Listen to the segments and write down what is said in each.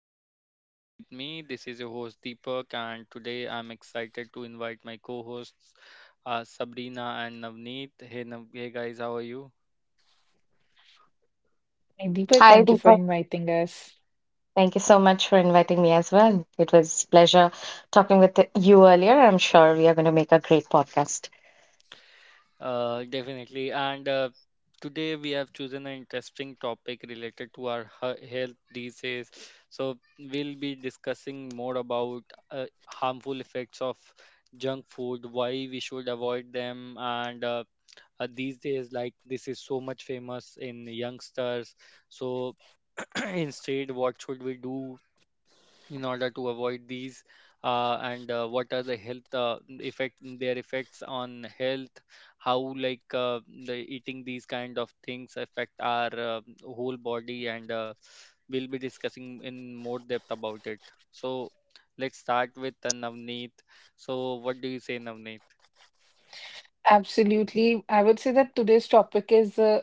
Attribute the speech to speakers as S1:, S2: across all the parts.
S1: our channel Vibe with me. This is your host Deepak and today I'm excited to invite my co-hosts Sabrina and Navneet. Hey, hey guys, how are you?
S2: Hi, Deepak,
S3: Hi,
S2: thank you
S3: Deepa.
S2: for inviting us.
S3: Thank you so much for inviting me as well. It was pleasure talking with you earlier. I'm sure we are going to make a great podcast.
S1: Definitely. And today we have chosen an interesting topic related to our health these days. So we'll be discussing more about harmful effects of junk food, why we should avoid them, and these days like this is so much famous in youngsters so instead what should we do in order to avoid these and what are the health effects on health how like the eating these kind of things affect our whole body and we'll be discussing in more depth about it. So let's start with Navneet. So what do you say, Navneet?
S2: Absolutely. I would say that today's topic is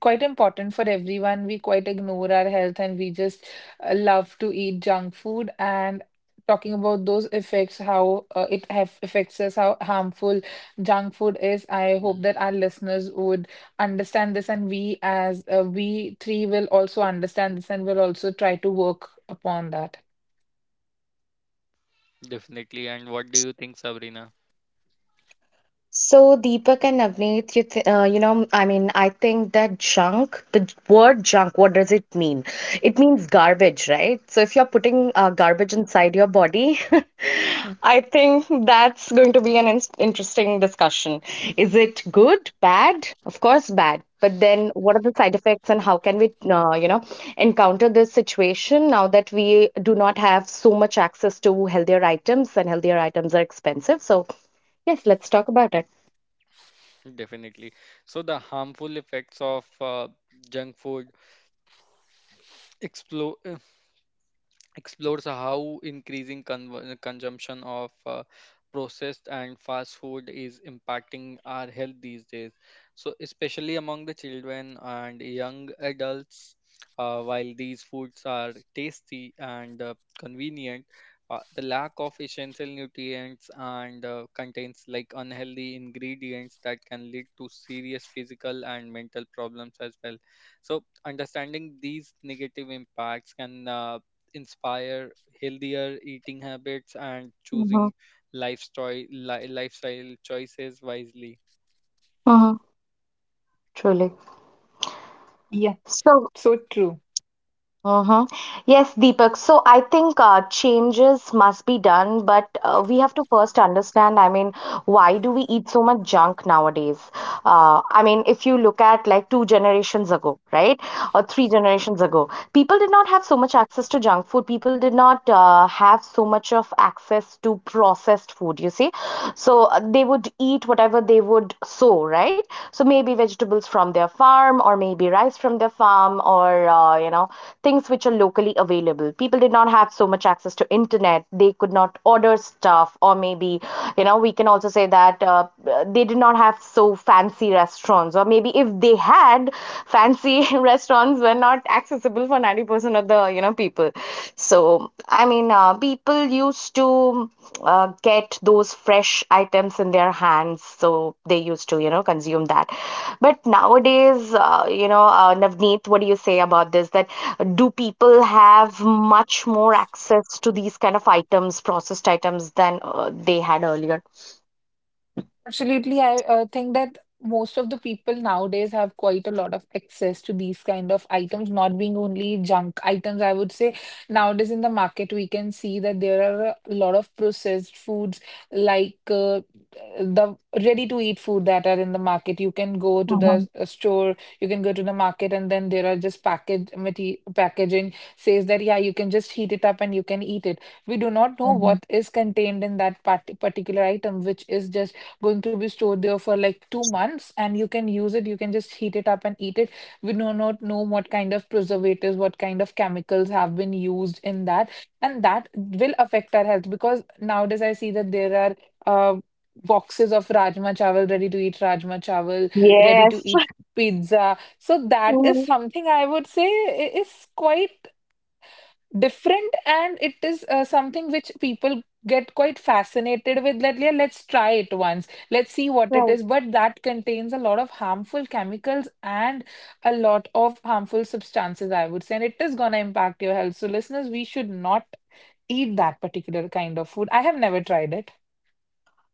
S2: quite important for everyone. We quite ignore our health, and we just love to eat junk food. And talking about those effects, how it have affects us, how harmful junk food is, I hope
S1: Mhm,
S2: that our listeners would understand this. And we, as we three, will also understand this and will also try to work upon that.
S1: definitely. And what do you think, Sabrina?
S3: So, Deepak and Navneet, you, th- you know, I mean, I think that junk, the word junk, what does it mean? It means garbage, right? So, if you're putting garbage inside your body, I think that's going to be an interesting discussion. Is it good, bad? Of course, bad. But then, what are the side effects, and how can we encounter this situation now that we do not have so much access to healthier items, and healthier items are expensive? So, yes, let's talk about it.
S1: Definitely. So the harmful effects of junk food explode explores how increasing consumption of processed and fast food is impacting our health these days, so especially among the children and young adults. While these foods are tasty and convenient, the lack of essential nutrients and contains like unhealthy ingredients that can lead to serious physical and mental problems as well. So understanding these negative impacts can inspire healthier eating habits and
S3: Mm-hmm.
S1: choosing lifestyle lifestyle choices wisely.
S3: Mm-hmm. Truly.
S2: Yeah,
S3: So,
S2: so true.
S3: hmm yes, Deepak. So, I think changes must be done, but we have to first understand, I mean, why do we eat so much junk nowadays? I mean, if you look at, like, two generations ago, right, or three generations ago, people did not have so much access to junk food. People did not have so much of access to processed food, you see. So they would eat whatever they would sow, right? So maybe vegetables from their farm, or maybe rice from their farm, or things which are locally available. People did not have so much access to internet. They could not order stuff, or maybe we can also say that they did not have so fancy restaurants. Or maybe if they had fancy restaurants, were not accessible for 90% of the people. So I mean, people used to get those fresh items in their hands, so they used to consume that. But nowadays, Navneet, what do you say about this, that do people have much more access to these kind of items, processed items, than they had earlier?
S2: Absolutely. I think that most of the people nowadays have quite a lot of access to these kind of items, not being only junk items. I would say nowadays in the market, we can see that there are a lot of processed foods, like the ready to eat food that are in the market. You can go to the store, you can go to the market, and then there are just packaging says that, yeah, you can just heat it up and you can eat it. We do not know
S3: Mhm.
S2: what is contained in that particular item, which is just going to be stored there for like 2 months and you can use it. You can just heat it up and eat it. We do not know what kind of preservatives, what kind of chemicals have been used in that. And that will affect our health, because nowadays I see that there are boxes of rajma chawal, ready to eat rajma chawal, ready
S3: Yes.
S2: to eat pizza. So that is
S3: Mhm.
S2: something, I would say, is quite different, and it is something which people get quite fascinated with. Let yeah, let's try it once, let's see what it
S3: Right.
S2: is. But that contains a lot of harmful chemicals and a lot of harmful substances, I would say, and it is going to impact your health. So listeners, we should not eat that particular kind of food. I have never tried it.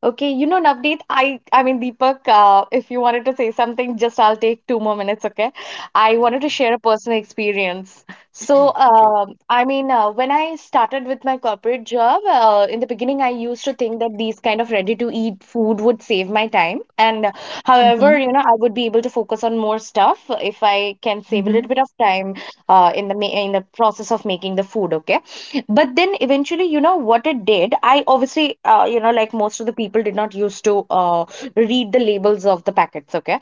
S3: Okay, Navneet, I mean, Deepak, if you wanted to say something, just I'll take 2 more minutes, okay? I wanted to
S1: Okay,
S3: share a personal experience. So,
S1: sure.
S3: I mean, when I started with my corporate job, in the beginning, I used to think that these kind of ready-to-eat food would save my time. And however,
S2: Mm-hmm,
S3: I would be able to focus on more stuff if I can save a
S2: mm-hmm,
S3: little bit of time in the ma in the process of making the food, okay? But then eventually, you know what it did. I obviously, like most of the people, did not used to uh, read the labels of the packets, okay?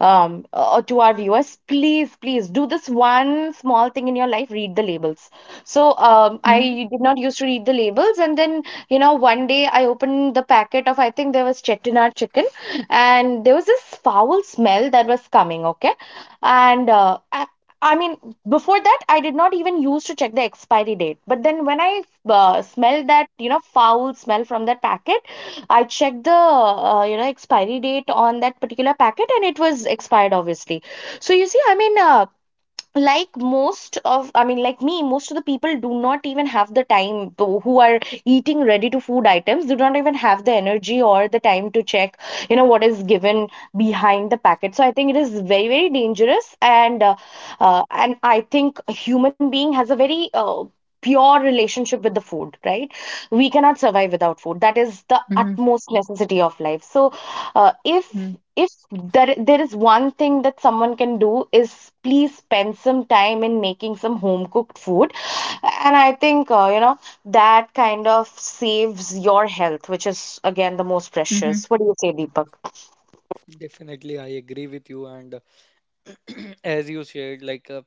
S3: To our viewers, please please do this one small thing in your life: read the labels. So
S2: mm-hmm,
S3: I did not used to read the labels, and then, one day I opened the packet of, I think, there was chettinad chicken, and there was this foul smell that was coming, okay? And I mean, before that, I did not even use to check the expiry date. But then when I smelled that, foul smell from that packet, I checked the, expiry date on that particular packet, and it was expired, obviously. So you see, I mean, like most of I mean like me, most of the people do not even have the time to, who are eating ready to food items, do not even have the energy or the time to check you know what is given behind the packet. So I think it is very very dangerous. And and I think a human being has a very pure relationship with the food, right? We cannot survive without food. That is the utmost necessity of life. So uh, if
S2: mm-hmm,
S3: if there is one thing that someone can do is, please spend some time in making some home cooked food. And I think that kind of saves your health, which is again the most
S2: mm-hmm,
S3: precious. What do you say, Deepak?
S1: Definitely, I agree with you. And as you shared, like uh,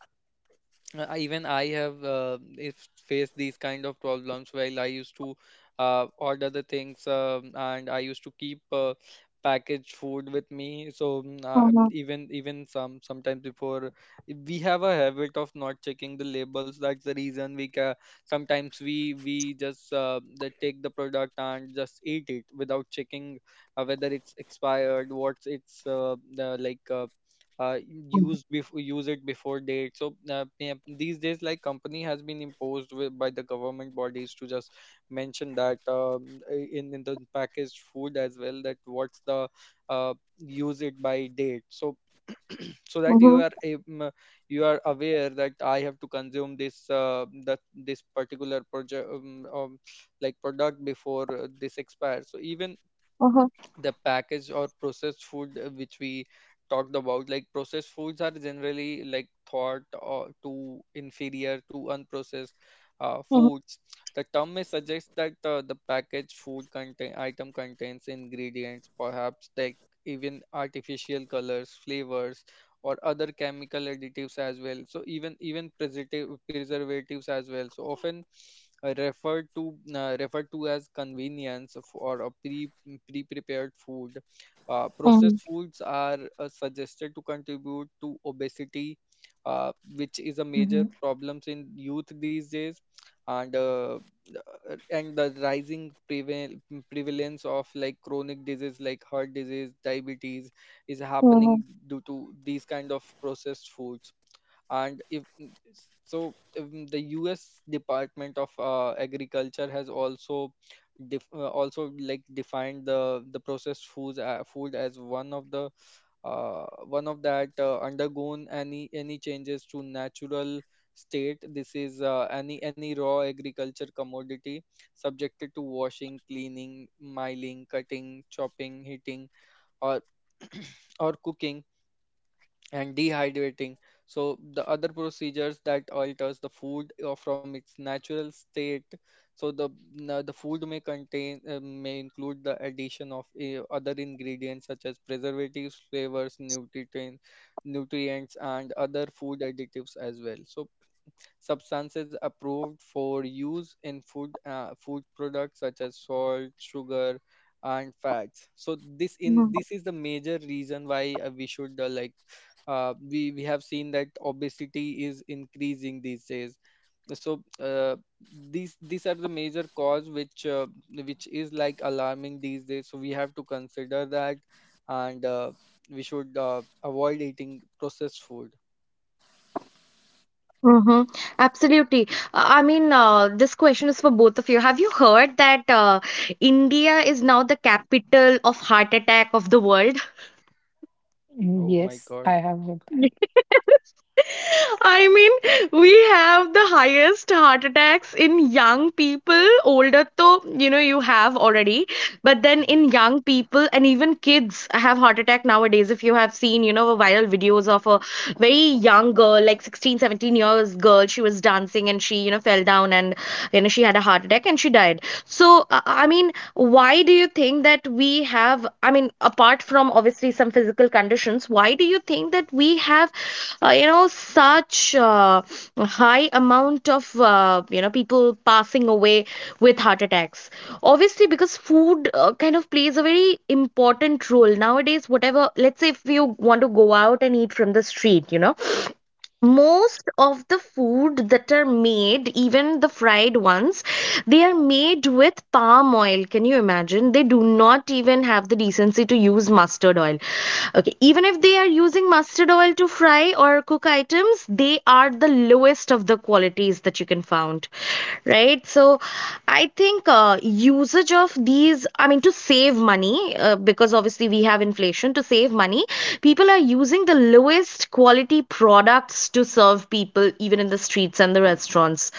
S1: uh, I- even I have if faced these kind of problems while I used to order the things and I used to keep packaged food with me. So
S3: Mhm,
S1: even some sometimes before we have a habit of not checking the labels. That's the reason sometimes we just take the product and just eat it without checking whether it's expired, what's like. Uh, Use before use it before date. So yeah, these days, like company has been imposed with, by the government bodies to just mention that in the packaged food as well that what's the use it by date. So so that
S3: mhm,
S1: you are aware that I have to consume this that this particular project like product before this expires. So even
S3: mhm,
S1: the packaged or processed food which we talked about, like processed foods are generally like thought or to inferior to unprocessed
S3: mhm,
S1: foods. The term may suggest that the packaged food contains ingredients perhaps like even artificial colors, flavors, or other chemical additives as well, so even even preservatives as well, so often referred to as convenience for a prepared food. Processed
S3: mhm,
S1: foods are suggested to contribute to obesity, which is a
S2: mm-hmm.
S1: major problem in youth these days, and uh, and the rising prevalence of like chronic disease like heart disease, diabetes is
S3: mhm,
S1: happening due to these kind of processed foods. And if the US Department of Agriculture has also like defined the processed food as one of the one of that undergone any changes to natural state. This is any raw agriculture commodity subjected to washing, cleaning, miling, cutting, chopping, heating, or or cooking and dehydrating. So the other procedures that alters the food from its natural state. So the the food may include the addition of other ingredients such as preservatives, flavors, nutrients, and other food additives as well. So substances approved for use in food food products such as salt, sugar, and fats. So this
S3: mhm,
S1: in
S3: mhm,
S1: this is the major reason why we should like we have seen that obesity is increasing these days. So these are the major cause which is like alarming these days, so we have to consider that and we should avoid eating processed food.
S3: mhm. Absolutely. I mean, this question is for both of you. Have you heard that India is now the capital of heart attack of the world?
S2: Yes,
S1: Oh my
S2: I
S1: god.
S2: have heard that.
S3: I mean, we have the highest heart attacks in young people. Older, though, you have already. But then
S1: Mm-hmm.
S3: in young people, and even kids have heart attack nowadays. If you have seen, viral videos of a very young girl, like 16, 17 years girl, she was dancing, and she fell down, and, she had a heart attack, and she died. So, I mean, why do you think that we have, I mean, apart from obviously some physical conditions, why do you think that we have, such high amount of, people passing away with heart attacks? Obviously, because food kind of plays a very important role. Nowadays, whatever, let's say if you want to go out and eat from the street, most of the food that are made, even the fried ones, they are made with palm oil. Can you imagine, they do not even have the decency to use mustard oil, okay? Even if they are using mustard oil to fry or cook items, they are the lowest best of the qualities that you can find, right? So I think usage of these, I mean, to save money, because obviously we have inflation, to save money, people are using the lowest quality products to serve people, even in the streets and the restaurants.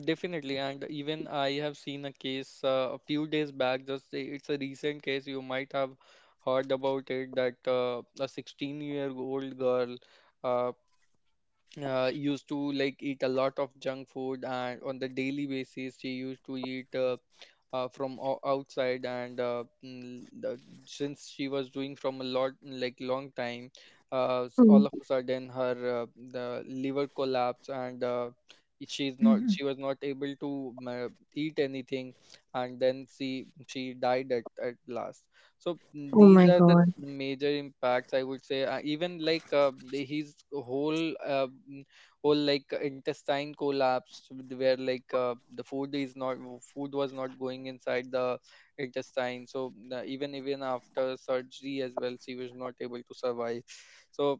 S1: Definitely, and even I have seen a case a few days back. Just say it's a recent case. You might have heard about it that a 16-year-old girl uh, used to like eat a lot of junk food, and on the daily basis she used to eat outside. And since she was doing from a lot like long time,
S3: Mm.
S1: all of a sudden her the liver collapse and she's not she
S2: Mhm.
S1: was not able to eat anything, and then she died at last. So mm,
S3: Oh
S1: these
S3: my
S1: are the
S3: god.
S1: major impacts I would say. Even like The his whole whole like intestine collapse with where like the food is not food was not going inside the intestine. So even even after surgery as well she was not able to survive. So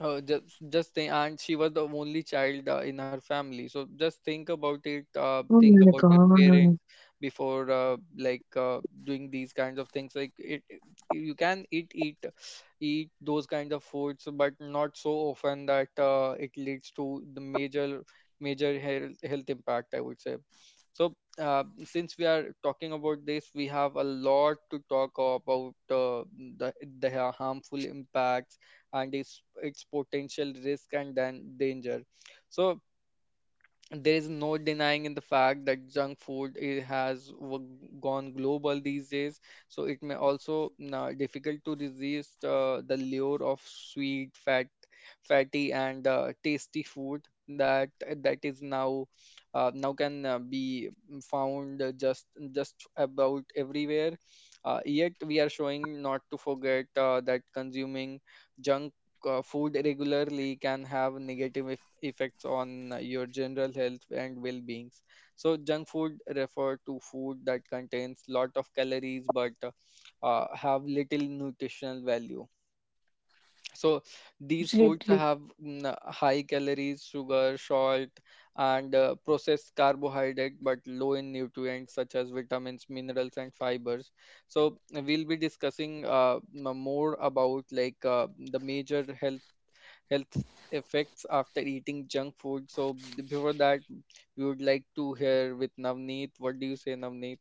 S1: just think, and she was the only child in her family. So just think about it.
S3: Oh
S1: Think
S3: my
S1: about your
S3: god.
S1: parents before like doing these kinds of things. Like you can eat those kinds of foods, but not so often that it leads to the major health impact, I would say. So since we are talking about this, we have a lot to talk about the the harmful impacts and its potential risk and danger. So there is no denying in the fact that junk food, gone global these days. So it may also difficult to resist the lure of sweet, fatty, and tasty food that is now can be found just about everywhere. Yet we are showing not to forget that consuming junk food regularly can have negative effects on your general health and well-being. So junk food refer to food that contains lot of calories but have little nutritional value. So these foods
S2: Absolutely.
S1: have high calories, sugar, salt, and processed carbohydrate, but low in nutrients such as vitamins, minerals, and fibers. So we'll be discussing more about like the major health effects after eating junk food. So before that, we would like to hear with Navneet. What do you say, Navneet?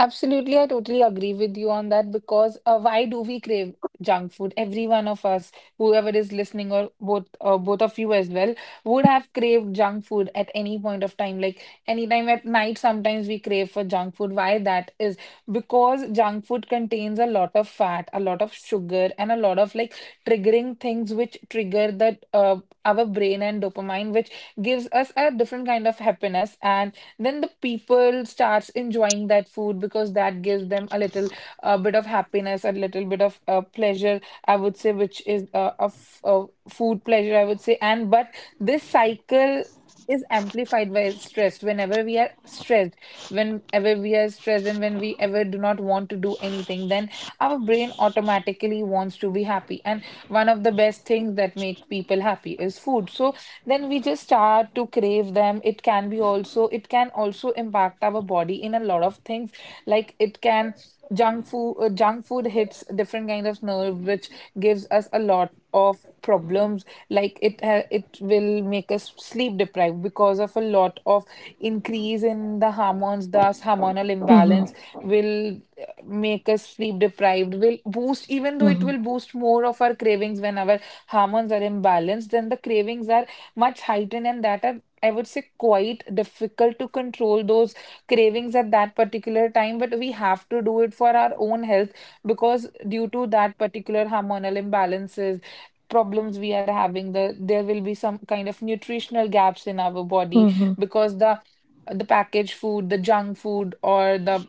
S2: Absolutely, I totally agree with you on that. Because why do we crave junk food? Every one of us, whoever is listening, or both of you as well, would have craved junk food at any point of time. Like anytime at night, sometimes we crave for junk food. Why that is, because junk food contains a lot of fat, a lot of sugar, and a lot of like triggering things which trigger that our brain and dopamine, which gives us a different kind of happiness. And then the people starts enjoying that food because that gives them a little bit of happiness, a little bit of pleasure, I would say, which is of food pleasure, I would say. And but this cycle is amplified by stress. Whenever we are stressed, and when we ever do not want to do anything, then our brain automatically wants to be happy, and one of the best things that make people happy is food. So then we just start to crave them. It can also impact our body in a lot of things. Like it can junk food hits different kind of nerve, which gives us a lot of problems. Like it will make us sleep deprived because of a lot of increase in the hormones. Thus hormonal
S3: Mhm.
S2: imbalance will make us sleep deprived, will boost even though it
S3: Mhm.
S2: will boost more of our cravings. When our hormones are imbalanced, then the cravings are much heightened, and that are, I would say, quite difficult to control, those cravings at that particular time. But we have to do it for our own health, because due to that particular hormonal imbalances, problems we are having, there will be some kind of nutritional gaps in our body,
S3: Mhm.
S2: because the packaged food, the junk food, or the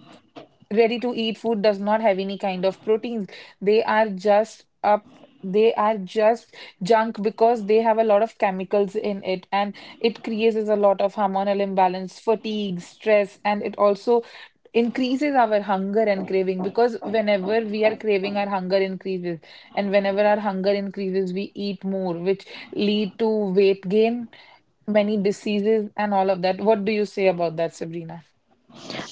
S2: ready to eat food does not have any kind of proteins. They are just up they are just junk, because they have a lot of chemicals in it, and it creates a lot of hormonal imbalance, fatigue, stress. And it also increases our hunger and craving, because whenever we are craving, our hunger increases, and whenever our hunger increases, we eat more, which lead to weight gain, many diseases, and all of that. What do you say about that, Sabrina?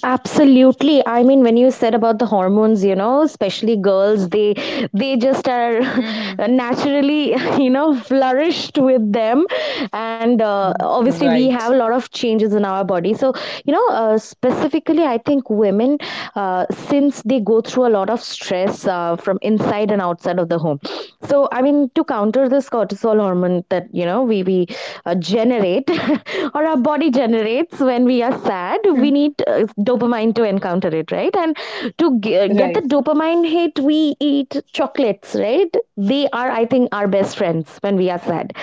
S3: Absolutely. I mean, when you said about the hormones, especially girls, they just are
S2: Mm-hmm.
S3: naturally, flourished with them, and obviously we
S2: Right.
S3: have a lot of changes in our body. So, specifically, I think women, since they go through a lot of stress from inside and outside of the home. So, I mean, to counter this cortisol hormone that we generate or our body generates when we are sad, we need dopamine to encounter it, right? And to get the
S2: Right.
S3: dopamine hit, we eat chocolates, right? They are, I think, our best friends when we are sad.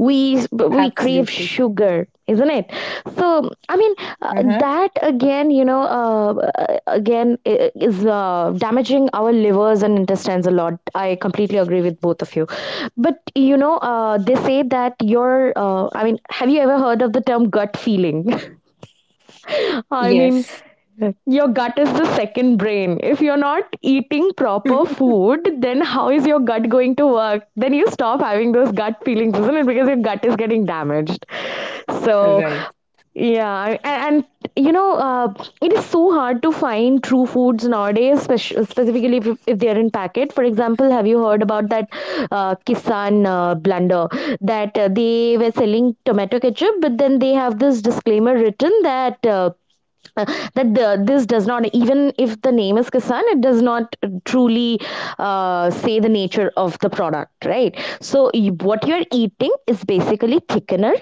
S3: We we we crave
S2: Absolutely.
S3: sugar, isn't it? So I mean, uh,
S2: Uh-huh.
S3: that again, again is damaging our livers and intestines a lot. I completely agree with both of you, but they say that your I mean, have you ever heard of the term gut feeling? I mean,
S2: Yes.
S3: your gut is the second brain. If you're not eating proper food, then how is your gut going to work? Then you stop having those gut feelings, isn't it? Because your gut is getting damaged. So,
S2: Right.
S3: yeah, and you know, uh, it is so hard to find true foods nowadays, specifically, if they are in packet. For example, have you heard about that Kisan blunder, that they were selling tomato ketchup, but then they have this disclaimer written uh, that this does not, even if the name is Kisan, it does not truly say the nature of the product, right? So what you're eating is basically thickener,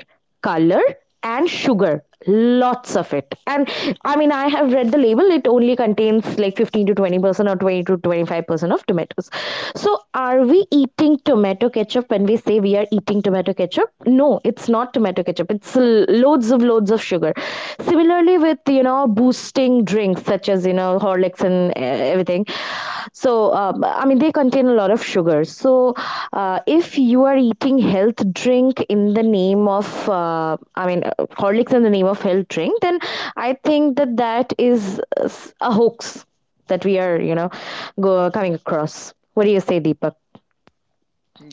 S3: color, and sugar, lots of it. And I mean, I have read the label, it only contains like 15 to 20% or 20 to 25% of tomatoes. So are we eating tomato ketchup when we say we are eating tomato ketchup? No, it's not tomato ketchup. It's loads of sugar. Similarly, with boosting drinks such as, Horlicks, and everything. So I mean, they contain a lot of sugar. So if you are eating health drink in the name of, I mean, Horlicks, in the name of health drink, then I think that that is a hoax that we are coming across. What do you say, Deepak?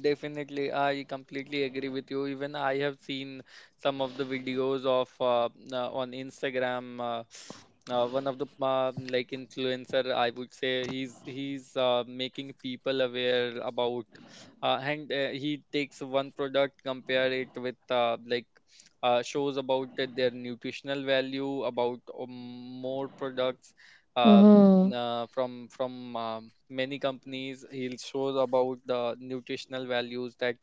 S1: Definitely, I completely agree with you. Even I have seen some of the videos of on Instagram. One of the like influencer, I would say, he's making people aware about, and he takes one product, compare it with shows about their nutritional value, about more products, uh,
S3: Mm-hmm.
S1: from many companies. He'll shows about the nutritional values that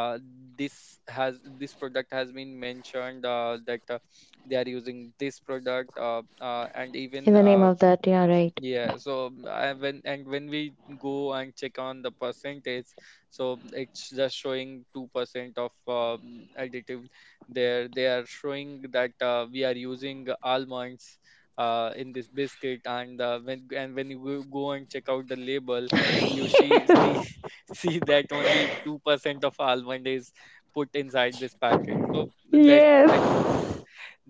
S1: uh, this product has been mentioned that they are using this product and
S3: In
S1: even
S3: the name of that, yeah, right.
S1: yeah. So mm, I, when we go and check on the percentage, so mm, it's just showing 2% of additive there. They are showing that we are using almonds in this biscuit, and when you go go and check out the label, you see see see that only 2% of almond is put inside this packet. So that
S3: Yes.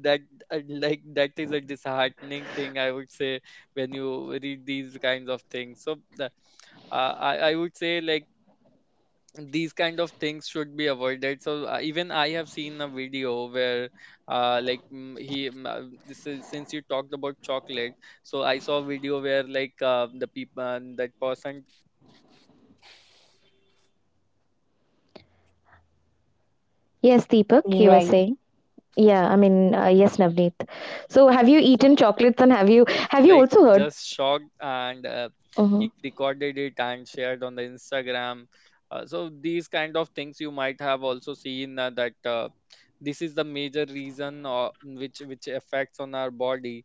S1: that that is a disheartening thing, I would say, when you read these kinds of things. So I would say like these kind of things should be avoided. So even I have seen a video where this is, since you talked about chocolate, so I saw a video where like the people that person tear out wrapper and he found some like
S3: Yes, Deepak, you were
S1: small
S2: Right.
S3: saying.
S1: white worms
S3: Yeah, I mean,
S1: inside it.
S3: yes, Navneet.
S1: So
S3: So, have you eaten
S1: uh,
S3: chocolates, and have you
S1: he was
S3: have you
S1: like
S3: also heard?
S1: just shocked and
S3: Mm-hmm,
S1: he recorded it and shared on the Instagram. So these kind of things you might have also seen that this is the major reason which affects on our body.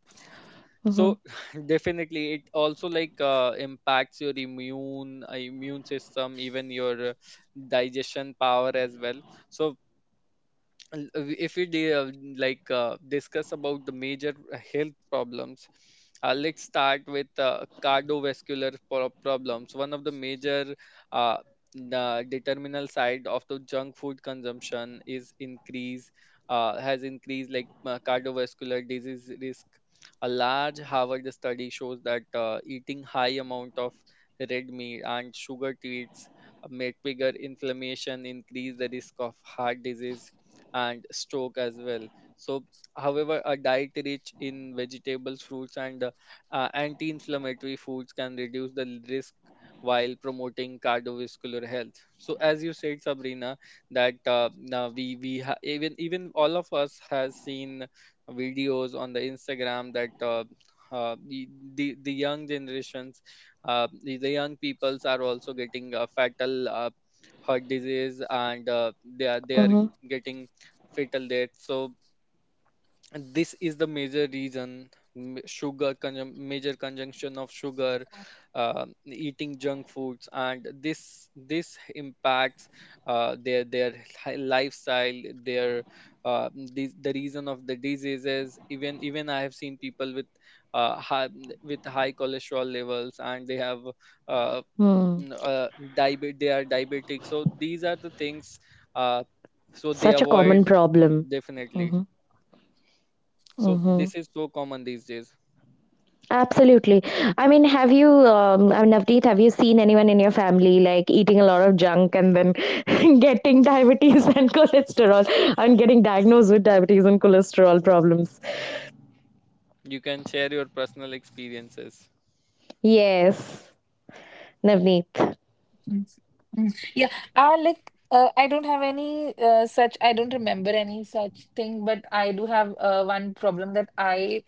S3: mm-hmm,
S1: So definitely it also like impacts your immune system, even your digestion power as well. So if we discuss about the major health problems, let's start with cardiovascular problems. One of the major uh, the determinal side of the junk food consumption is increase has increased like cardiovascular disease risk. A large Harvard study shows that eating high amount of red meat and sugar treats make bigger inflammation, increase the risk of heart disease and stroke as well. So, however, a diet rich in vegetables, fruits, and anti-inflammatory foods can reduce the risk while promoting cardiovascular health. So, as you said, Sabrina, that now we ha- even even all of us has seen videos on the Instagram that the young generations, the young peoples are also getting a fatal heart disease, and they are
S3: mm-hmm,
S1: getting fatal death. So this is the major reason. Sugar major consumption of sugar, eating junk foods, and this impacts their lifestyle, their the reason of the diseases. Even I have seen people with uh, high, with high cholesterol levels, and they have uh,
S3: mm.
S1: n- uh, they are diabetic. So these are the things. Uh, so they
S3: Such a common
S1: avoid
S3: problem.
S1: definitely.
S3: Mm-hmm,
S1: So this
S3: mm-hmm.
S1: is so common these days.
S3: Absolutely. I mean, I mean, Navneet, have you seen anyone in your family like eating a lot of junk, and then getting diabetes, and cholesterol, and getting diagnosed with diabetes and cholesterol problems?
S1: You can share your personal experiences.
S3: Yes, Navneet.
S2: Mm. Mm. Yeah. I don't remember any such thing, but I do have one problem, that I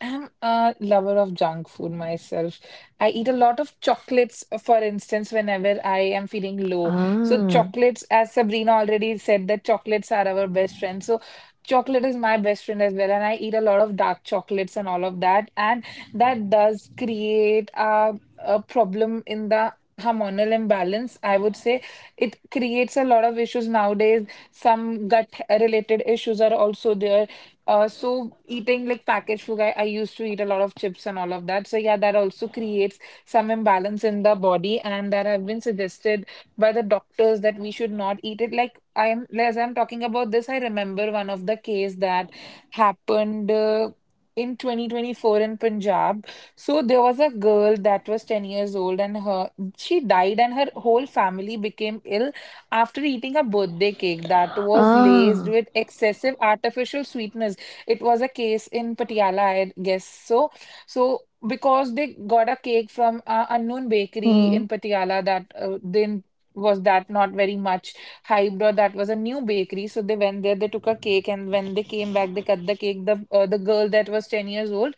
S2: I'm a lover of junk food myself. I eat a lot of chocolates, for instance, whenever I am feeling low. So
S3: Ah,
S2: chocolates, as Sabrina already said, that chocolates are our best friend. So chocolate is my best friend as well, and I eat a lot of dark chocolates and all of that, and that does create a problem in the hormonal imbalance. I would say it creates a lot of issues nowadays. Some gut related issues are also there, so eating like packaged food, I used to eat a lot of chips and all of that. So yeah, that also creates some imbalance in the body, and that have been suggested by the doctors that we should not eat it. Like, I am, as I'm talking about this, I remember one of the case that happened in 2024 in Punjab. So there was a girl that was 10 years old, and her she died, and her whole family became ill after eating a birthday cake that was laced
S3: ah.
S2: with excessive artificial sweetness. It was a case in Patiala, I guess so. So because they got a cake from a unknown bakery
S3: Hmm.
S2: in Patiala, that didn't was that not very much hyped, or that was a new bakery. So they went there, they took a cake, and when they came back, they cut the cake. The girl that was 10 years old,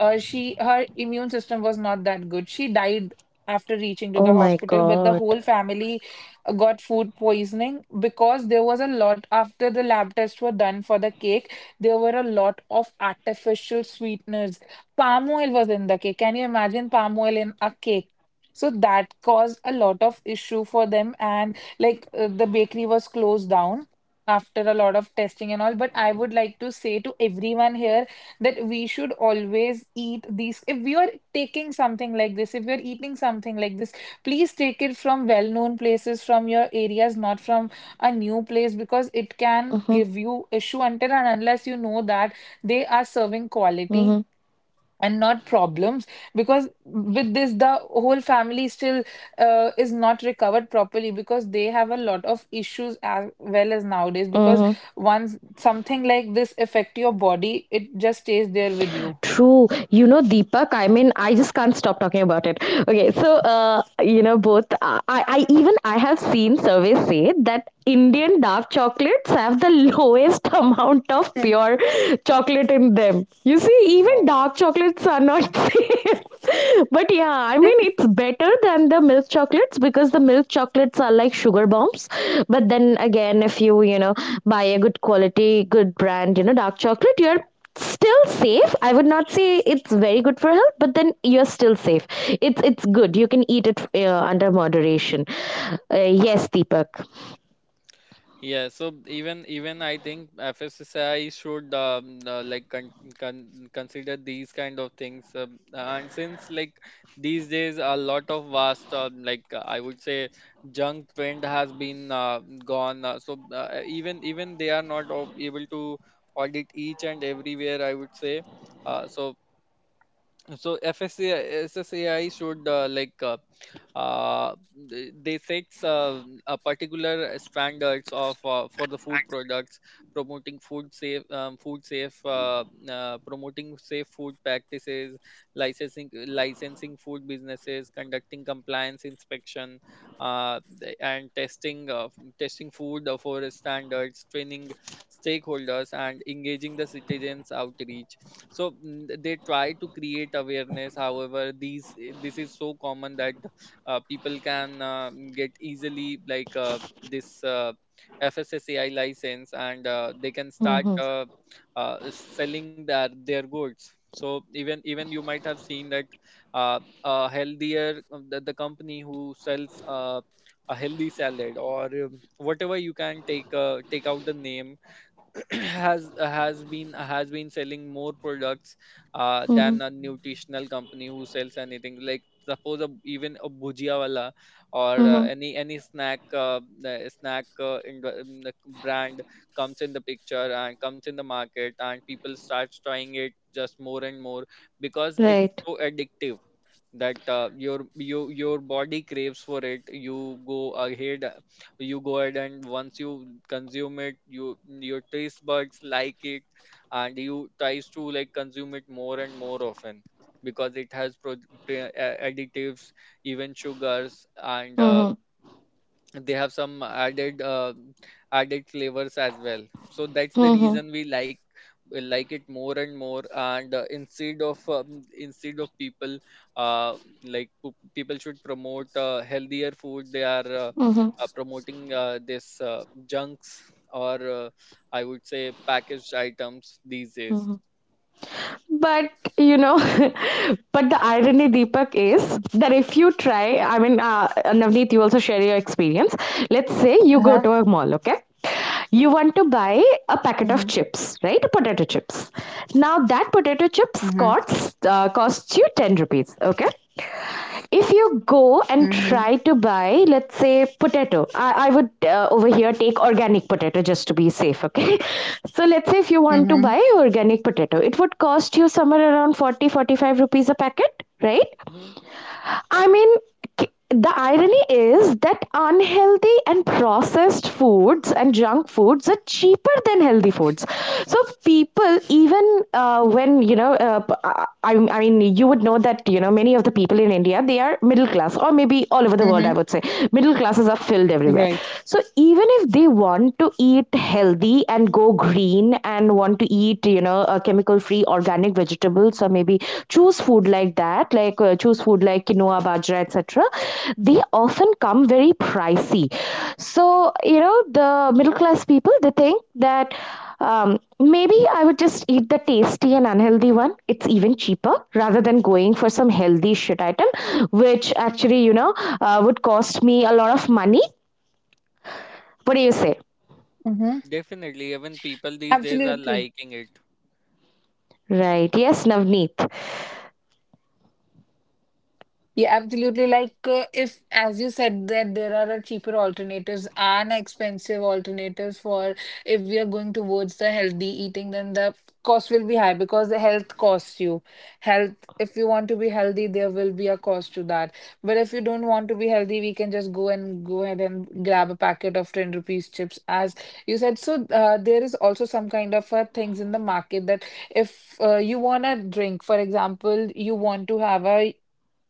S2: she her immune system was not that good. She died after reaching to the
S3: Oh my
S2: hospital, but the
S3: God.
S2: whole family got food poisoning, because there was a lot after the lab tests were done for the cake, there were a lot of artificial sweeteners. Palm oil was in the cake. Can you imagine palm oil in a cake? So that caused a lot of issue for them, and like the bakery was closed down after a lot of testing and all. But I would like to say to everyone here that we should always eat these. If we are taking something like this, if we are eating something like this, please take it from well-known places from your areas, not from a new place, because it can
S3: Mm-hmm.
S2: give you issue until and unless you know that they are serving quality
S3: Mm-hmm.
S2: and not problems. Because with this, the whole family still is not recovered properly, because they have a lot of issues as well as nowadays, because
S3: Mm-hmm.
S2: once something like this affect your body, it just stays there with you.
S3: True. You know, Deepak, I mean, I just can't stop talking about it. Okay, so,
S1: Mhm.
S3: both, I even, I have seen surveys say that Indian dark chocolates have the lowest amount of
S2: Mhm.
S3: pure chocolate in them. You see, even
S1: Wow.
S3: dark chocolates are not safe. But yeah, I mean, it's better than the milk chocolates because the milk chocolates are like sugar bombs. But then again, if you buy a good quality, good brand, dark chocolate, you're still safe. I would not say it's very good for health, but then you're still safe. It's good. You can eat it under moderation. Yes, Deepak.
S1: Yeah, so even I think FSSAI should like consider these kind of things, and since like these days a lot of vast like I would say junk trend has been gone, so even they are not able to audit each and everywhere. I would say, uh, so so SSAI should uh, they sets a particular standards of for the food products, promoting food safe, promoting safe food practices, licensing food businesses, conducting compliance inspection, and testing testing food for standards, training stakeholders, and engaging the citizens outreach. So, they try to create awareness. However, this is so common that people can get easily like this FSSAI license, and they can start
S3: Mhm,
S1: selling their goods. So even you might have seen that a healthier the company who sells a healthy salad, or whatever, you can take out the name, has been selling more products
S3: mhm,
S1: than a nutritional company who sells anything. Like, suppose a, even a bhujia wala, or
S3: mhm,
S1: any snack, the snack, in the brand comes in the picture and comes in the market, and people start trying it just more and more because it's
S3: right,
S1: so addictive that your body craves for it. You go ahead uh, you go ahead, and once you consume it, your taste buds like it, and you tries to like consume it more and more often, because it has additives, even sugars, and they have some added flavors as well. So that's the
S3: mhm.
S1: reason we like it more and more. And instead of people, uh, people should promote healthier food. They are promoting this junks, or I would say, packaged items these days.
S3: But you know, but the irony, Deepak, is that if you try, I mean, Navneet, you also share your experience. Let's say you go
S2: Uh-huh.
S3: to a mall, okay? You want to buy a packet of
S2: Mm-hmm.
S3: chips, right? Potato chips. Now that potato chips
S2: Mm-hmm.
S3: costs costs you 10 rupees, okay? If you go and
S2: Mm-hmm.
S3: try to buy, let's say, potato, I would over here take organic potato just to be safe, okay? So let's say if you want to
S2: Mm-hmm.
S3: buy organic potato, it would cost you somewhere around 40 to 45 rupees a packet, right?
S1: hmm
S3: I mean, the irony is that unhealthy and processed foods and junk foods are cheaper than healthy foods. So people, even when you know, I mean, you would know that, you know, many of the people in India, they are middle class, or maybe all over the world. I
S2: Mm-hmm.
S3: would say middle classes are filled everywhere.
S2: Right.
S3: So even if they want to eat healthy and go green and want to eat, you know, a chemical free organic vegetables, or maybe choose food like that, like choose food like quinoa, bajra, etc., they often come very pricey. So you know, the middle class people, they think that maybe I would just eat the tasty and unhealthy one. It's even cheaper rather than going for some healthy shit item, which actually, you know, would cost me a lot of money. What do you say?
S2: Mm-hmm.
S1: Definitely, even people these days are
S2: Absolutely.
S1: liking it.
S3: Right. Yes, Navneet.
S2: Yeah, absolutely. Like, if, as you said, that there are cheaper alternatives and expensive alternatives, for if we are going towards the healthy eating, then the cost will be high, because the health costs you. Health, if you want to be healthy, there will be a cost to that. But if you don't want to be healthy, we can just go ahead and grab a packet of 10 rupees chips, as you said. So, there is also some kind of things in the market, that if you want a drink, for example, you want to have a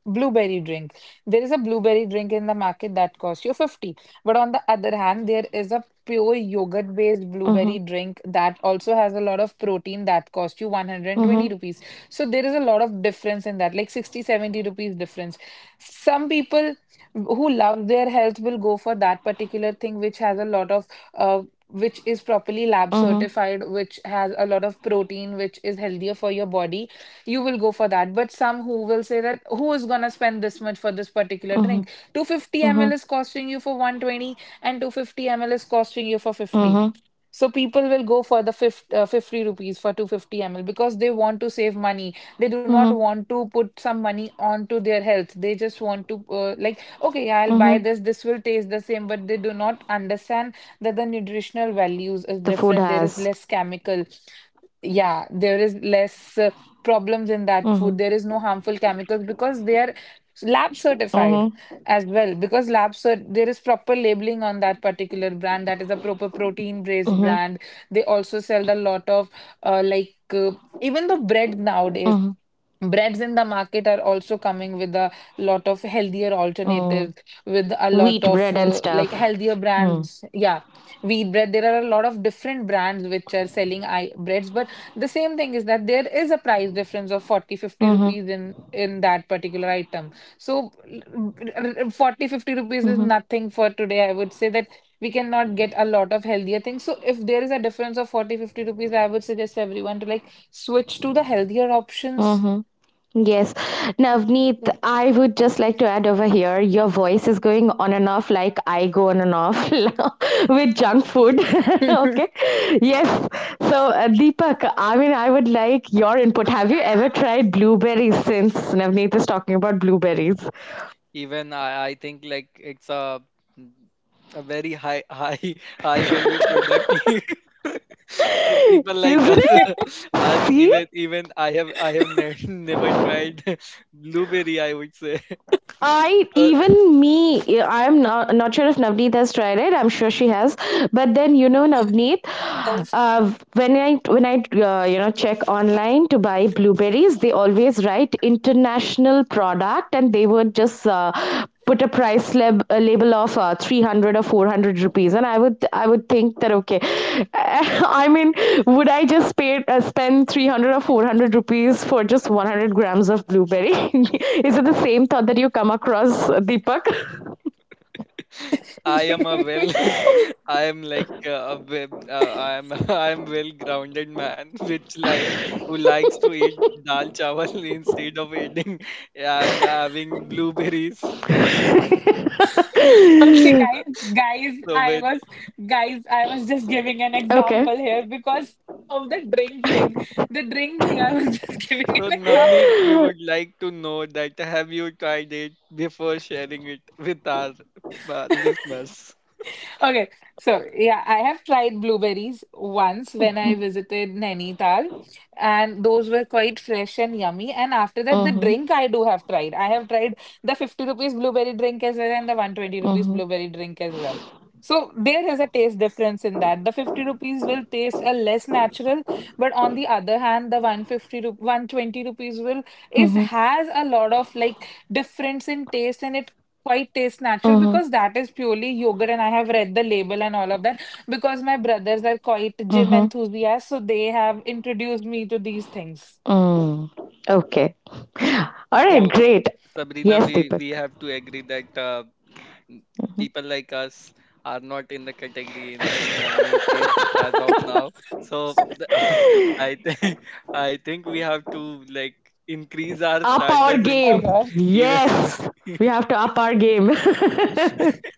S2: Blueberry drink. There is a blueberry drink in the market that costs you 50. But on the other hand, there is a pure yogurt based
S3: Mm-hmm.
S2: blueberry drink that also has a lot of protein, that costs you 120
S3: Mm-hmm.
S2: rupees. So there is a lot of difference in that, like 60, 70 rupees difference. Some people who love their health will go for that particular thing, which has a lot of uh, which is properly lab
S3: Mm-hmm.
S2: certified, which has a lot of protein, which is healthier for your body. You will go for that. But some who will say that who is going to spend this much for this particular
S3: Mm-hmm.
S2: drink? 250
S3: Mm-hmm.
S2: ml is costing you for 120 and 250 ml is costing you for 50.
S3: Mhm.
S2: So people will go for the 50, 50 rupees for 250 ml because they want to save money. They do not
S3: Mhm.
S2: want to put some money onto their health. They just want to like, okay, I'll buy
S3: Mhm.
S2: this, this will taste the same. But they do not understand that the nutritional values is
S3: The food
S2: different. There is
S3: has.
S2: less chemical. Yeah, there is less problems in that food.
S3: Mhm.
S2: There is no harmful chemicals because they are lab certified
S3: Mhm.
S2: as well. There is proper labeling on that particular brand. That is a proper protein based
S3: Mhm.
S2: brand. They also sell a lot of like even the bread nowadays.
S3: Mhm.
S2: Breads in the market are also coming with a lot of healthier
S3: Mm.
S2: alternatives, with a lot
S3: Wheat
S2: of
S3: bread and
S2: like
S3: stuff.
S2: healthier
S3: Hmm.
S2: brands. Yeah, wheat bread. There are a lot of different brands which are selling I breads, but the same thing is that there is a price difference of 40-50
S3: Mhm.
S2: rupees in that particular item so 40-50 rupees is
S3: Mhm.
S2: nothing for today. I would say that we cannot get a lot of healthier things. So if there is a difference of 40-50 rupees, I would suggest everyone to like switch to the healthier options.
S3: Mhm. Yes. Navneet, I would just like to add over here, your voice is going on and off, like I go on and off with junk food. Okay. Yes. So, Deepak, I mean, I would like your input. Have you ever tried blueberries, since Navneet is talking about blueberries?
S1: Even I think like it's a very high high high value product. So
S3: Isn't
S1: people like
S3: it?
S1: us.
S3: See?
S1: Even I have ne never tried blueberry, I would say.
S3: I
S1: Uh,
S3: even me, I'm not not sure if Navneet has tried it. I'm sure she has, but then you know, Navneet, when I you know, check online to buy blueberries, they always write international product, and they would just put a label of 300 or 400 rupees. And I would think that, okay, I mean, would I just pay spend 300 or 400 rupees for just 100 grams of blueberry? Is it the same thought that you come across, Deepak?
S1: I am a well, I am like a web, I am I am well grounded man, which like who likes to eat dal chawal instead of eating and having blueberries.
S2: Okay, guys, guys,
S1: So
S2: I
S1: with
S2: was, guys, I was just giving an
S3: Okay.
S2: example here because of the drink thing. The drink thing, I was just giving
S1: so
S2: an
S1: Navneet,
S2: example.
S1: we would like to know, that have you tried it before sharing it with our listeners?
S2: Okay, so yeah, I have tried blueberries once when I visited Nainital, and those were quite fresh and yummy. And after that, the
S3: Mm-hmm,
S2: drink I do have tried. I have tried the 50 rupees blueberry drink as well and the 120 rupees
S3: mm-hmm,
S2: blueberry drink as well. So there is a taste difference in that. The 50 rupees will taste a less natural, but on the other hand, the 150 rup 120 rupees will is
S3: mm-hmm,
S2: has a lot of like difference in taste and it quite taste natural
S3: mm-hmm,
S2: because that is purely yogurt. And I have read the label and all of that because my brothers are quite gym
S3: mm-hmm.
S2: enthusiasts, so they have introduced me to these things.
S3: Mm. Okay, all
S1: So
S3: right,
S2: Yeah.
S3: great.
S1: Sabrina,
S3: Yes,
S1: we
S3: Deepak.
S1: we have to agree that m- people like us are not in the category in Navneet is as of now. So the, I think I think we have to like increase our
S3: Up our
S1: standards in
S2: Oh
S3: game.
S2: my
S1: term,
S2: god,
S1: even
S3: Yes. We have to up our game. Mm-hmm.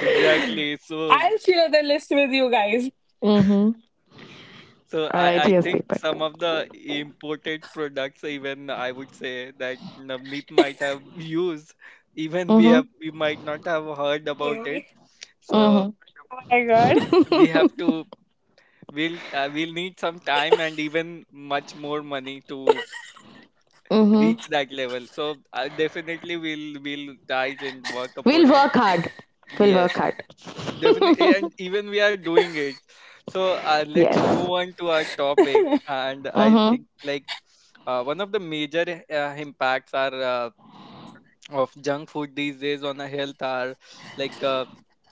S1: exactly. So
S2: I'll share the list with you guys.
S3: All
S1: So
S3: right.
S1: I, I
S3: Yes,
S1: think
S3: Deepak.
S1: some of the imported products, even I would say that Navneet might have used. Even we have
S3: Mm-hmm.
S1: we might not have heard about
S2: Mm.
S1: it. So
S3: Mm-hmm.
S2: Oh my god.
S1: we have to we'll need some time, and even much more money, to
S3: Mm-hmm.
S1: reach that level. So definitely we'll try and work
S3: We'll
S1: upon it.
S3: work hard. We'll
S1: Yes,
S3: work hard.
S1: definitely, and even we are doing it. So let's move
S3: Yes.
S1: on to our topic. And I
S3: Mm-hmm.
S1: think like one of the major impacts are of junk food these days on our health are like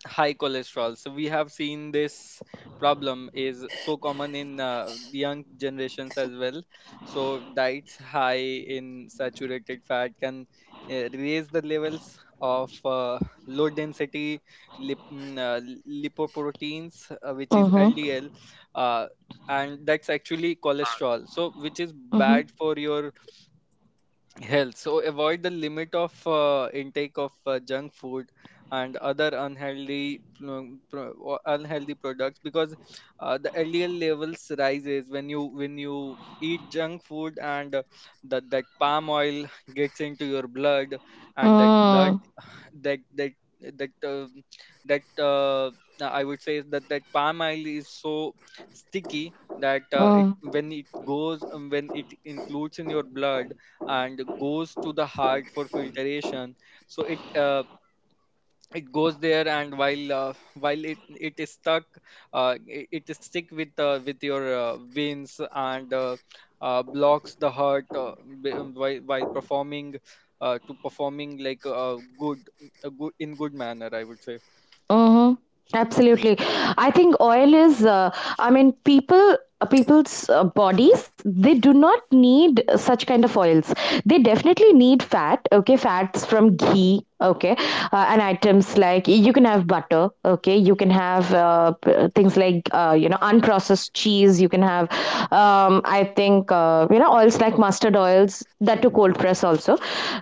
S1: high cholesterol. So we have seen this problem is so common in young generations as well. So diets high in saturated fat can raise the levels of low density lip, mm, uh, lipoproteins, which is
S3: Mm-hmm.
S1: LDL, uh, and that's actually cholesterol. So which is
S3: Mm-hmm.
S1: bad for your health, so avoid the limit of intake of junk food and other unhealthy products, because the LDL levels rises when you eat junk food. And that palm oil gets into your blood. And that blood
S3: Mm-hmm.
S1: that that that that I would say is, that palm oil is so sticky that it
S3: Mm-hmm.
S1: when it goes when it includes in your blood and goes to the heart for filtration. So it goes there, and while it is stuck, it is stick with your veins, and blocks the heart, while performing, to performing like a good in good manner, I would say.
S3: Mhm. Absolutely. I think oil is, I mean, people. People's bodies, they do not need such kind of oils. They definitely need fat, okay? Fats from ghee, okay? And items like, you can have butter, okay? You can have, p- things like, unprocessed cheese. You can have, I think, you know, oils like mustard oils bottles, that to cold press also,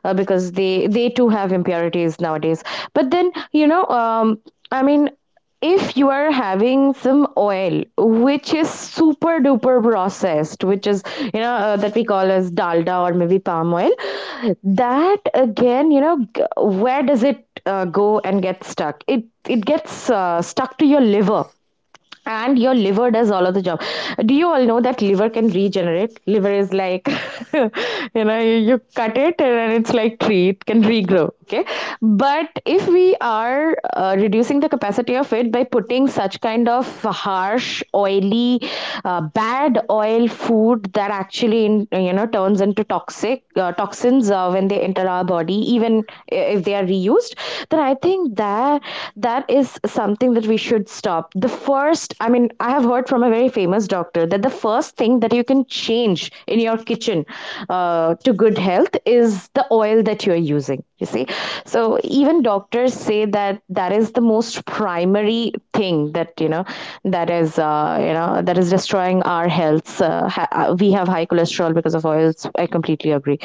S3: because they too have impurities nowadays. But then you know, I mean, if you are having some oil which is super duper processed, which is, you know, that we call as dalda, or maybe palm oil, that again, you know, where does it go and get stuck? It gets stuck to your liver, and your liver does all of the job. Do you all know that liver can regenerate? Liver is like you know, you cut it and it's like tree, it can regrow, okay? But if we are reducing the capacity of it by putting such kind of harsh oily bad oil food that actually, you know, turns into toxic toxins when they enter our body, even if they are reused, then I think that that is something that we should stop. The first, I mean, I have heard from a very famous doctor that the first thing that you can change in your kitchen to good health is the oil that you're using. You see, so even doctors say that that is the most primary thing that, you know, that is that is destroying our health. We have high cholesterol because of oils. I completely agree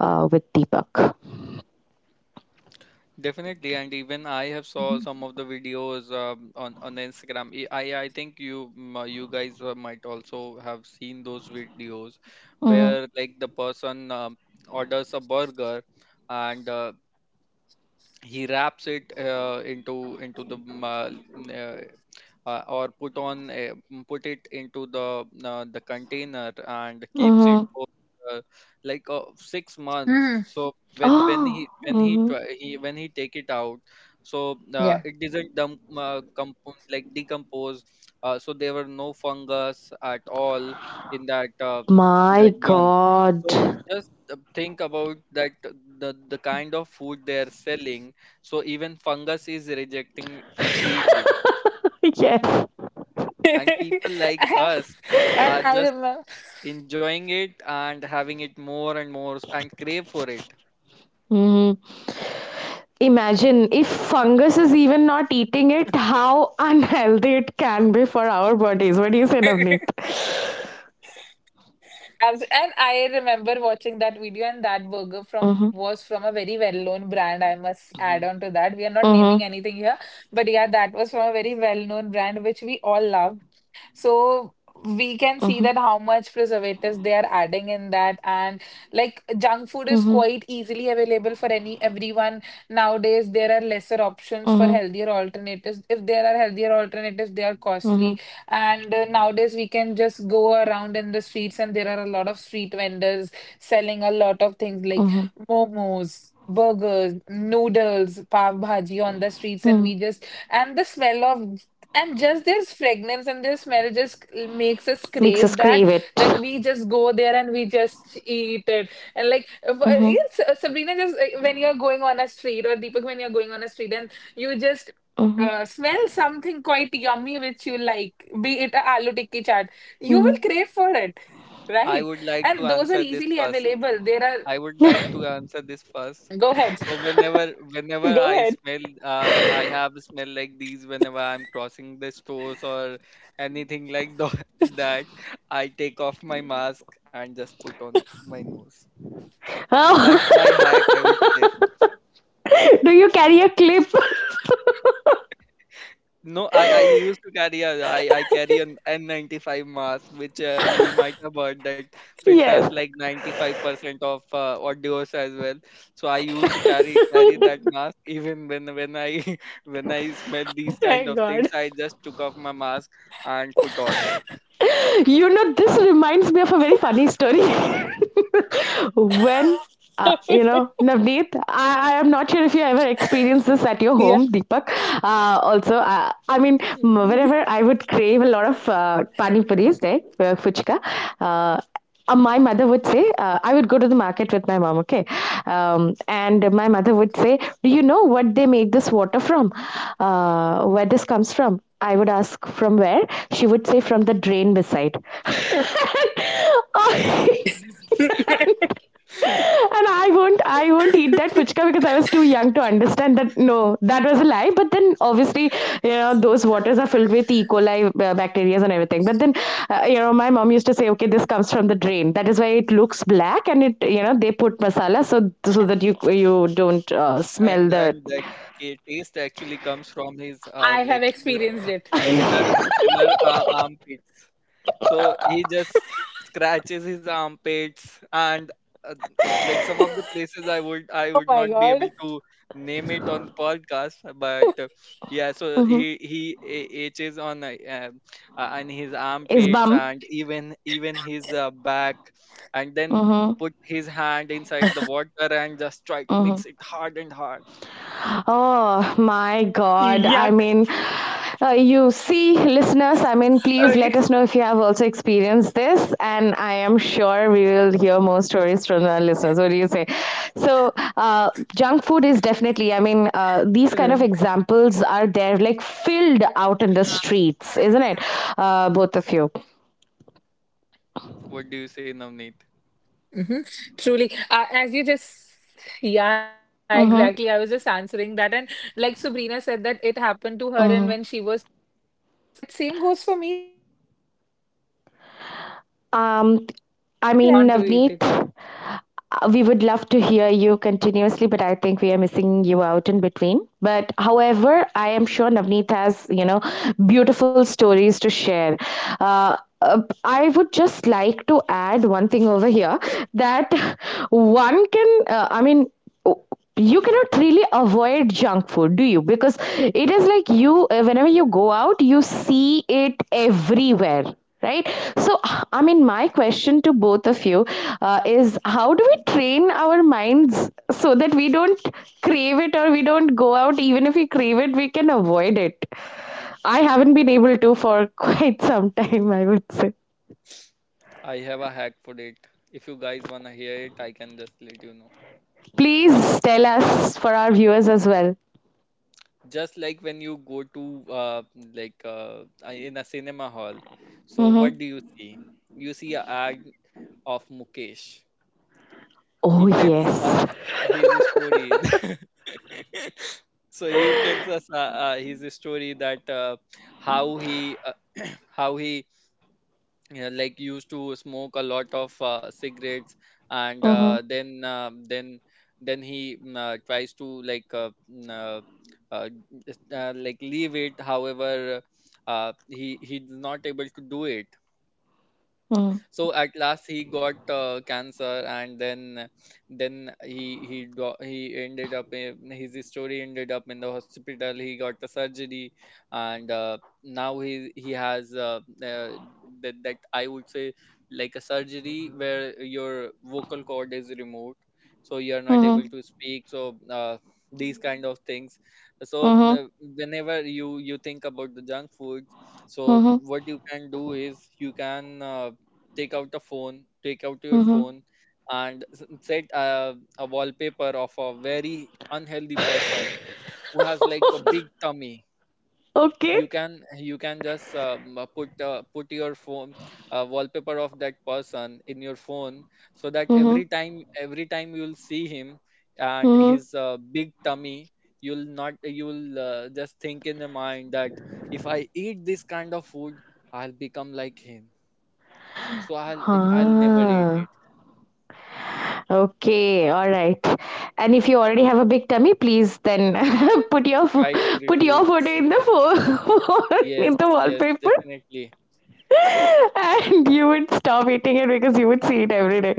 S3: with Deepak.
S1: Definitely, and even I have saw
S2: Mhm.
S1: some of the videos, on the Instagram. I think you guys might also have seen those videos
S3: Mm-hmm.
S1: where, like, the person orders a burger, and he wraps it into the m- n- or put on a, m- put it into the container, and keeps it
S3: Mm-hmm.
S1: for uh, 6 months.
S2: Mhm.
S1: So
S3: Oh.
S1: when he
S3: Mm-hmm.
S1: try, he when he take it out, so
S2: Yeah.
S1: it doesn't dump compo- like decompose, so there were no fungus at all in that uh,
S3: My
S1: that bun.
S3: God.
S1: So just think about that, the kind of food they are selling. So even fungus is rejecting to eat it.
S3: Yes.
S1: And people like us
S2: and
S1: are
S2: I
S1: just
S2: remember
S1: enjoying it and having it more and more, and crave for it.
S3: Mhm. Imagine if fungus is even not eating it, how unhealthy it can be for our bodies. What do you say, Navneet?
S2: And I remember watching that video, and that burger from
S3: Mm-hmm.
S2: was from a very well-known brand. I must
S1: hmm
S2: add on to that. We are not naming
S3: Mm-hmm.
S2: anything here, but yeah, that was from a very well-known brand which we all love. So we can see
S3: Mm-hmm.
S2: that how much preservatives they are adding in that. And like, junk food is
S3: Mm-hmm.
S2: quite easily available for any everyone nowadays. There are lesser options for
S3: Mm-hmm.
S2: healthier alternatives. If there are healthier alternatives, they are
S3: Mm-hmm.
S2: costly. And nowadays we can just go around in the streets and there are a lot of street vendors selling a lot of things like
S3: Mm-hmm.
S2: momos, burgers, noodles, pav bhaji on the streets. And
S3: Mm-hmm.
S2: we just and the smell of and just their fragrance and their smell just makes us
S3: Makes us
S2: crave that,
S3: crave it.
S2: that we just go there and we just eat it. And like
S3: Mm-hmm.
S2: yes, Sabrina, just when you're going on a street or Deepak, when you're going on a street and you just
S3: Mm-hmm.
S2: smell something quite yummy which you like, be it a aloo tikki chaat, you will
S3: Mm-hmm.
S2: crave for it,
S1: I
S2: right?
S1: would like to
S2: And those
S1: answer
S2: are
S1: this
S2: easily
S1: first.
S2: available. There
S1: I
S2: are.
S1: would like to answer this first.
S2: Go ahead.
S1: So whenever whenever
S2: Go
S1: I
S2: ahead.
S1: smell, I have a smell like these, whenever I'm crossing the stores or anything like that. I take off my mask and just put on my nose.
S3: Oh.
S1: That's my hack, I would say.
S3: Do you carry a clip?
S1: No, I used to carry a I carry an N95 mask, which you might have heard that filters
S3: Yes.
S1: like 95% of audios as well. So I used to carry that mask, even when I when I smell these kind
S2: My
S1: of things,
S2: God.
S1: I just took off my mask and put on.
S3: You know, this reminds me of a very funny story. When Navneet, I am not sure if you ever experienced this at your
S2: Yeah.
S3: home, Deepak, also. Whenever I would crave a lot of pani puris, right? Fuchka. uh, my mother would say, I would go to the market with my mom, okay? And my mother would say, do you know what they make this water from, where this comes from? I would ask, from where? She would say, from the drain beside. And I won't eat that puchka, because I was too young to understand that no, that was a lie. But then obviously, you know, those waters are filled with E. coli bacteria and everything. But then, you know, my mom used to say, okay, this comes from the drain, that is why it looks black, and it, you know, they put masala so so that you don't
S1: And
S3: smell the
S1: and that taste actually comes from his
S2: I
S1: like
S2: have
S1: the
S2: experienced
S1: the
S2: it.
S1: seller armpits. So he just scratches his armpits, and uh, like some of the places i would i
S2: Oh
S1: would
S2: my
S1: not be
S2: God.
S1: able to name it on the podcast, but yeah, so
S3: Mm-hmm.
S1: he itches on and his
S3: is
S1: armpits
S3: bum
S1: and even his back, and then
S3: mhm
S1: put his hand inside the water and just try to
S3: mhm.
S1: mix it hard and hard.
S3: Oh
S2: Yuck.
S3: my God. I mean, you see, listeners,
S2: Okay.
S3: I mean, please let us know if you have also experienced this. And I am sure we will hear more stories from our listeners. What do you say? So, junk food is definitely, I mean,
S2: Right.
S3: these kind of examples are there, like filled out in the streets, isn't it? Both of you.
S1: What do you say, Navneet?
S2: Hmm. Truly. As you just, yeah, exactly. I was just answering
S3: Mm-hmm.
S2: that. And like Sabrina said, that it happened to her. And when she was a
S3: Mm-hmm.
S2: kid, her mother used to say that it is the this is made out of water. And that same goes for me. When I was a kid, my
S3: Um,
S2: mother used to say
S3: I
S2: the
S3: mean,
S2: same thing
S3: Navneet,
S2: whenever I used to ask her that
S3: we
S2: I
S3: would
S2: want to
S3: love to
S2: eat it.
S3: hear you continuously, but I think we are missing you out in between. But however, I am sure Navneet has, you know, beautiful stories to share. Uh, I would just like to add one thing over here, that one can, I mean, you cannot really avoid junk food, do you, because it is like you, whenever you go out, you see it everywhere, right? So I mean, my question to both of you is, how do we train our minds so that we don't crave it, or we don't go out, even if we crave it, we can avoid it? I haven't been able to for quite some time, I would say.
S1: I have a hack for it. If you guys wanna hear it, I can just let you know.
S3: Please tell us for our viewers as well.
S1: Just like when you go to in a cinema hall, so
S3: Mm-hmm.
S1: what do you see? You see a ad of Mukesh.
S3: Oh
S1: He tells us
S3: yes.
S1: his story. So he tells us his story that how he uh, how he yeah, like used to smoke a lot of cigarettes and
S3: Mm-hmm.
S1: then he tries to uh, like leave it. However, he's not able to do it, so at last he got cancer. And then he ended up in, his story ended up in the hospital. He got the surgery, and now he has uh, that, I would say, like a surgery where your vocal cord is removed, so you are not
S3: Mhm.
S1: able to speak. So these kind of things. So
S3: Mhm.
S1: whenever you think about the junk food, so
S3: Mhm.
S1: what you can do is, you can take out your
S3: Mhm.
S1: phone and set a wallpaper of a very unhealthy person who has like a big tummy.
S3: Okay.
S1: You can just put your phone wallpaper of that person in your phone, so that
S3: Mhm.
S1: every time you'll see him and
S3: Mhm.
S1: his big tummy, you'll not you'll just think in your mind that if I eat this kind of food, I'll become like him. So I'll never eat,
S3: Huh. Okay. All right. And if you already have a big tummy, please then, put your
S1: try to
S3: put
S1: reduce
S3: your photo
S1: it.
S3: in the phone
S1: Yes,
S3: in the
S1: yes,
S3: wallpaper,
S1: definitely.
S3: and you would stop eating it because you would see it every day,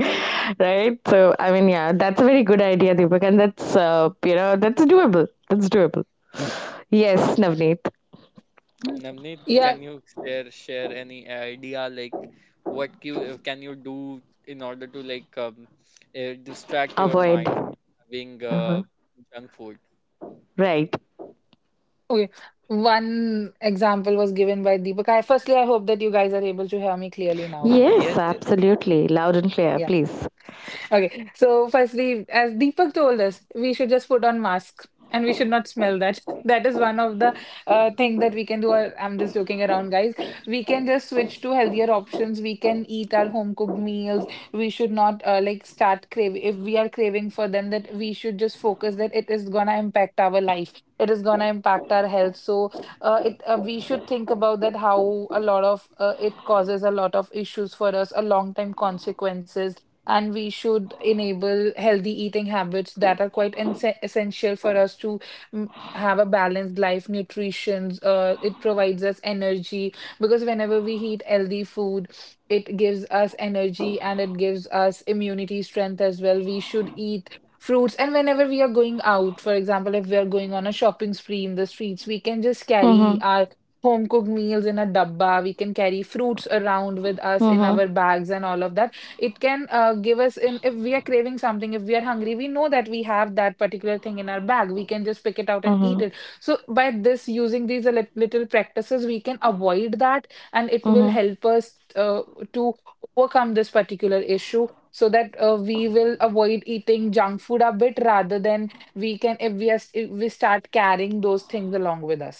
S3: right? So I mean, yeah, that's a very good idea, Deepak, and that's that's doable. That's doable. Yes, Navneet.
S2: Mm.
S1: Navneet, can
S2: Yeah.
S1: you share any idea, like what you can you do in order to like distract your
S3: Avoid.
S1: mind having
S3: Uh-huh.
S1: junk food?
S3: Right.
S2: Okay. One example was given by Deepak. Firstly, I hope that you guys are able to hear me clearly now.
S1: Yes,
S3: Yes,
S1: yes,
S3: absolutely. Loud and clear,
S2: Yeah.
S3: please.
S2: Okay, so firstly, as Deepak told us, we should just put on mask, and we should not smell that. That is one of the thing that we can do. I'm just joking around, guys. We can just switch to healthier options. We can eat our home cooked meals. We should not like start craving. If we are craving for them, that we should just focus that it is gonna impact our life. It is gonna impact our health. So it we should think about that how a lot of it causes a lot of issues for us, a long time consequences. And we should enable healthy eating habits that are quite essential for us to have a balanced life. Nutrition it provides us energy because whenever we eat healthy food, it gives us energy and it gives us immunity strength as well. We should eat fruits. And whenever we are going out, for example, if we are going on a shopping spree in the streets, we can just carry
S3: Mm-hmm.
S2: our home cooked meals in a dabba. We can carry fruits around with us in
S3: Mm-hmm.
S2: our bags and all of that. It can give us in if we are craving something, if we are hungry, we know that we have that particular thing in our bag. We can just pick it out and eat
S3: Mm-hmm.
S2: it. So by this using these little practices, we can avoid that. And it will
S3: Mm-hmm.
S2: help us to overcome this particular issue. So that we will avoid eating junk food a bit rather than we can if we are if we start carrying those things along with us.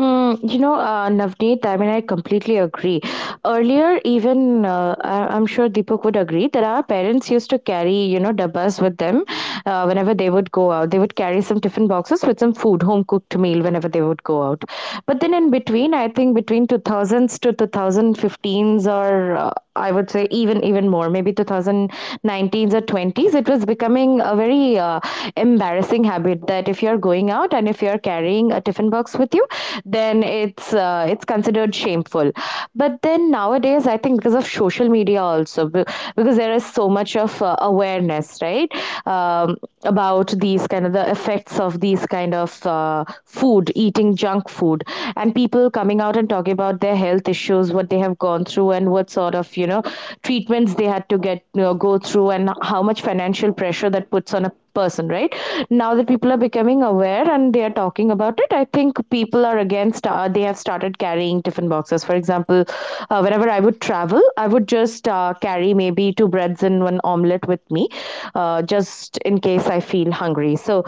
S3: Mm, you know, Navneet, I mean, I completely agree. Earlier, even I'm sure Deepak would agree that our parents used to carry, you know, dabbas with them whenever they would go out. They would carry some tiffin boxes with some food, home cooked meal, whenever they would go out. But then in between, I think between 2000s to 2015s, or I would say even more, maybe 2019s or 20s, it was becoming a very embarrassing habit, that if you're going out and if you're carrying a tiffin box with you, then it's considered shameful. But then nowadays, I think because of social media also, because there is so much of awareness, right, um, about these kind of the effects of these kind of food, eating junk food, and people coming out and talking about their health issues, what they have gone through, and what sort of treatments they had to get, go through, and how much financial pressure that puts on a person right now, that people are becoming aware and they are talking about it. I think people are they have started carrying tiffin boxes. For example, whenever I would travel, I would just carry maybe two breads and one omelette with me, just in case I feel hungry. So,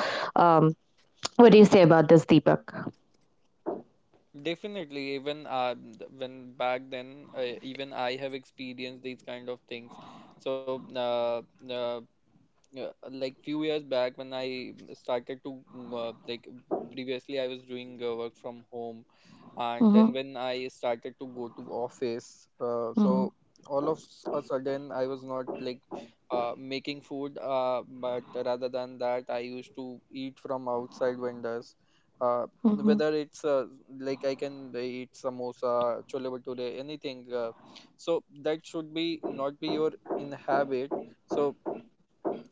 S3: um, what do you say about this, Deepak?
S1: definitely. Even when back then, even I have experienced these kind of things. So uh, yeah, like few years back when I started to like previously I was doing work from home, and
S3: Mm-hmm,
S1: then when I started to go to office,
S3: mm-hmm,
S1: so a sudden I was not like making food, but rather than that, I used to eat from outside vendors.
S3: mm-hmm,
S1: Whether it's like I can eat samosa, chole bhature, anything. So that should be not be your in habit. So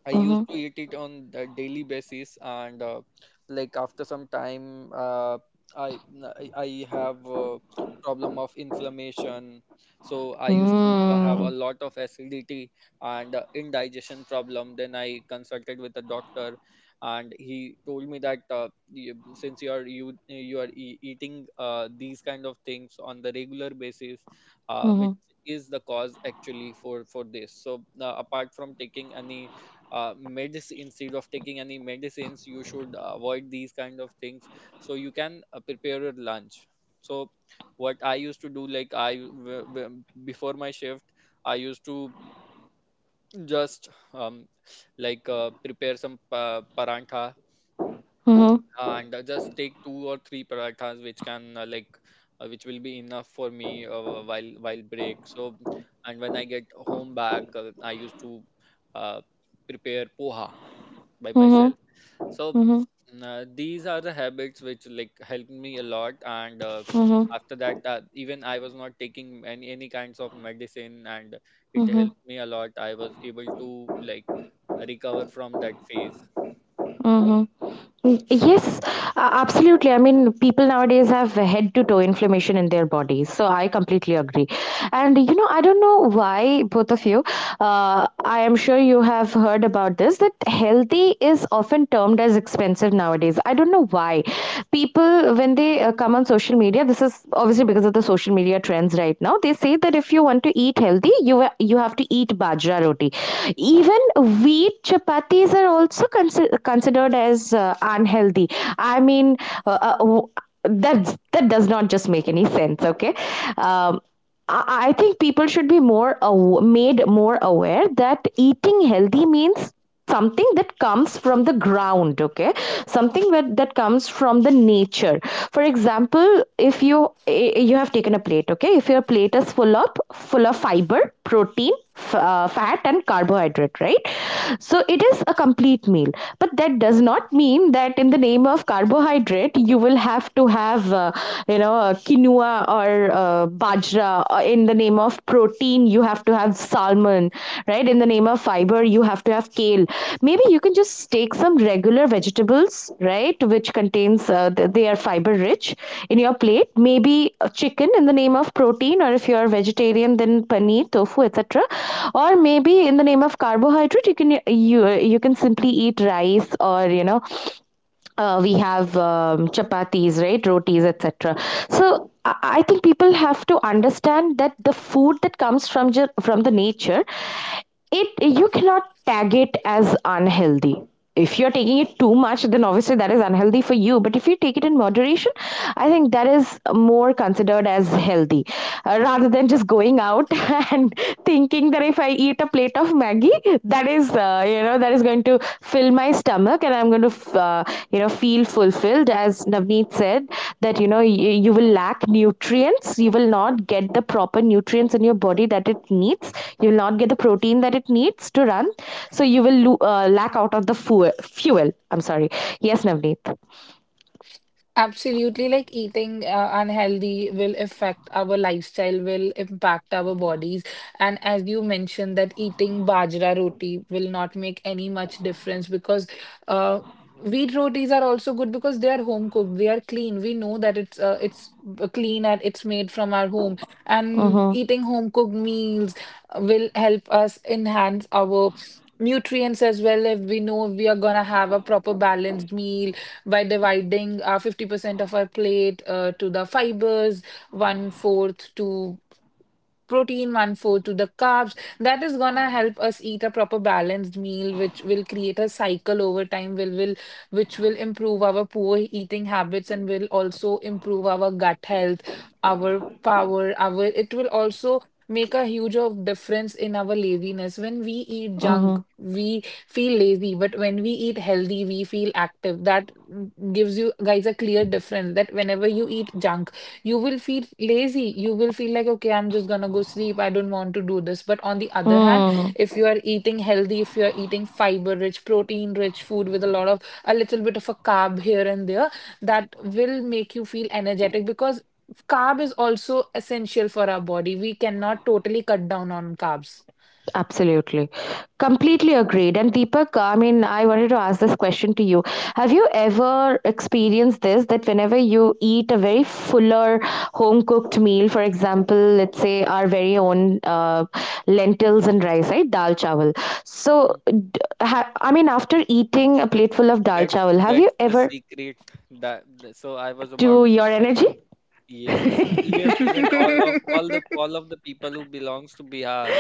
S1: I
S3: mm-hmm.
S1: used to eat it on a daily basis, and like after some time, I n- I have a problem of inflammation. So I used to have a
S3: Mm.
S1: lot of acidity and indigestion problem. Then I consulted with the doctor, and he told me that since you are you you are e- eating these kind of things on the regular basis, which
S3: Mhm.
S1: is the cause, actually, for this. So apart from taking any medicine instead of taking any medicines, you should avoid these kind of things. So you can prepare your lunch. So what I used to do, like before my shift, I used to just like prepare some parantha,
S3: Mhm.
S1: and just take two or three parathas, which can which will be enough for me while break. So and when I get home back, I used to uh, prepare poha by
S3: Mhm.
S1: myself. So
S3: Mhm.
S1: these are the habits which like helped me a lot. And
S3: Mhm.
S1: after that, even I was not taking any kinds of medicine, and it
S3: Mhm.
S1: helped me a lot. I was able to like recover from that phase.
S3: Mhm. Mm, yes, absolutely. I mean, people nowadays have head to toe inflammation in their bodies. So I completely agree. And, I don't know why, both of you, I am sure you have heard about this, that healthy is often termed as expensive nowadays. I don't know why. People, when they come on social media, this is obviously because of the social media trends right now, they say that if you want to eat healthy, you have to eat bajra roti. Even wheat chapatis are also considered as unhealthy. I mean, uh, uh, that does not just make any sense. Okay. um, I think people should be more made more aware that eating healthy means something that comes from the ground. Okay, something that comes from the nature. For example, if you have taken a plate. Okay, if your plate is full of fiber, protein, fat, and carbohydrate, right? So it is a complete meal, but that does not mean that in the name of carbohydrate you will have to have quinoa or bajra. In the name of protein you have to have salmon, right? In the name of fiber you have to have kale. Maybe you can just take some regular vegetables, right, which contains, they are fiber rich, in your plate. Maybe chicken, in the name of protein, or if you are vegetarian, then paneer, tofu, etc. Or maybe in the name of carbohydrate, you you can simply eat rice, or we have, chapatis, right, rotis, etc. So I think people have to understand that the food that comes from from the nature, it, you cannot tag it as unhealthy. If you're taking it too much, then obviously that is unhealthy for you. But if you take it in moderation, I think that is more considered as healthy, rather than just going out and thinking that if I eat a plate of Maggie, that is going to fill my stomach, and I'm going to, uh, feel fulfilled. As Navneet said, that, you will lack nutrients. You will not get the proper nutrients in your body that it needs. You will not get the protein that it needs to run. So you will lack out of the fuel. I'm sorry. Yes, Navneet.
S2: Absolutely, like, eating unhealthy will affect our lifestyle, will impact our bodies. And as you mentioned, that eating bajra roti will not make any much difference because uh, wheat rotis are also good because they are home cooked, they are clean. We know that it's clean and it's made from our home. And
S3: Mm-hmm.
S2: eating home cooked meals will help us enhance our nutrients as well. If we know we are gonna have a proper balanced meal by dividing our 50% of our plate to the fibers, one fourth to protein, one fourth to the carbs. That is gonna help us eat a proper balanced meal, which will create a cycle over time, will which will improve our poor eating habits and will also improve our gut health, our power, our it will also make a huge of difference in our laziness. When we eat junk,
S3: Mm-hmm.
S2: we feel lazy, but when we eat healthy, we feel active. That gives you guys a clear difference that whenever you eat junk, you will feel lazy, you will feel like okay, I'm just gonna go sleep, I don't want to do this. But on the other hand, if you are eating healthy, if you are eating fiber rich protein rich food with a lot of a little bit of a carb here and there, that will make you feel energetic because carb is also essential for our body. We cannot totally cut down on carbs.
S3: Absolutely. Completely agreed. And Deepak, I mean, I wanted to ask this question to you. Have you ever experienced this, that whenever you eat a very fuller home cooked meal, for example, let's say our very own lentils and rice, right? Dal chawal. So,
S1: Mhm.
S3: I mean, after eating a plateful of dal
S1: that
S3: chawal, have you
S1: that's the
S3: ever
S1: secret. So I was about
S3: to
S1: to
S3: your
S1: say,
S3: energy?
S1: yes, even all of the people who belongs to Bihar,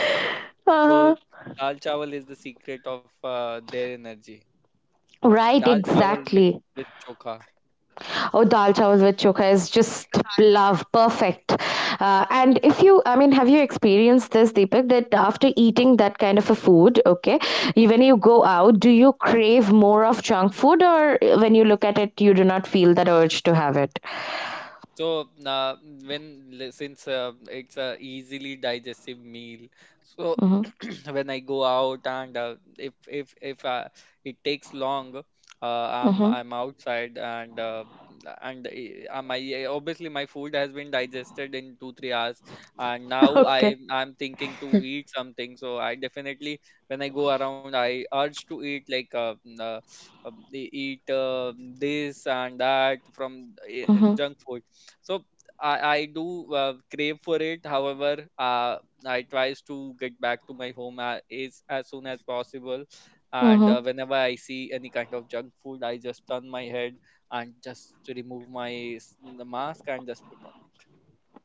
S1: so
S3: Uh-huh.
S1: dal chawal is the secret of their energy.
S3: Right,
S1: Dal chawal with
S3: exactly.
S1: chokha.
S3: Or dal chawal with chokha is just love, perfect. And if you, I mean, have you experienced this, Deepak, that after eating that kind of a food, okay, when you go out, do you crave more of junk food, or when you look at it, you do not feel that urge to have it?
S1: So, since it's a easily digestive meal, so
S3: Mm-hmm.
S1: when I go out and if it takes long, I'm
S3: Mm-hmm.
S1: I'm outside and I- my obviously my food has been digested in 2-3 hours, and now
S3: Okay.
S1: I'm thinking to eat something. So I definitely, when I go around, I urge to eat, like eat this and that from junk food. So I do crave for it. However, uh, I tries to get back to my home is as soon as possible. And
S3: Mm-hmm.
S1: whenever I see any kind of junk food, I just turn my head and just remove my s- the mask and just put on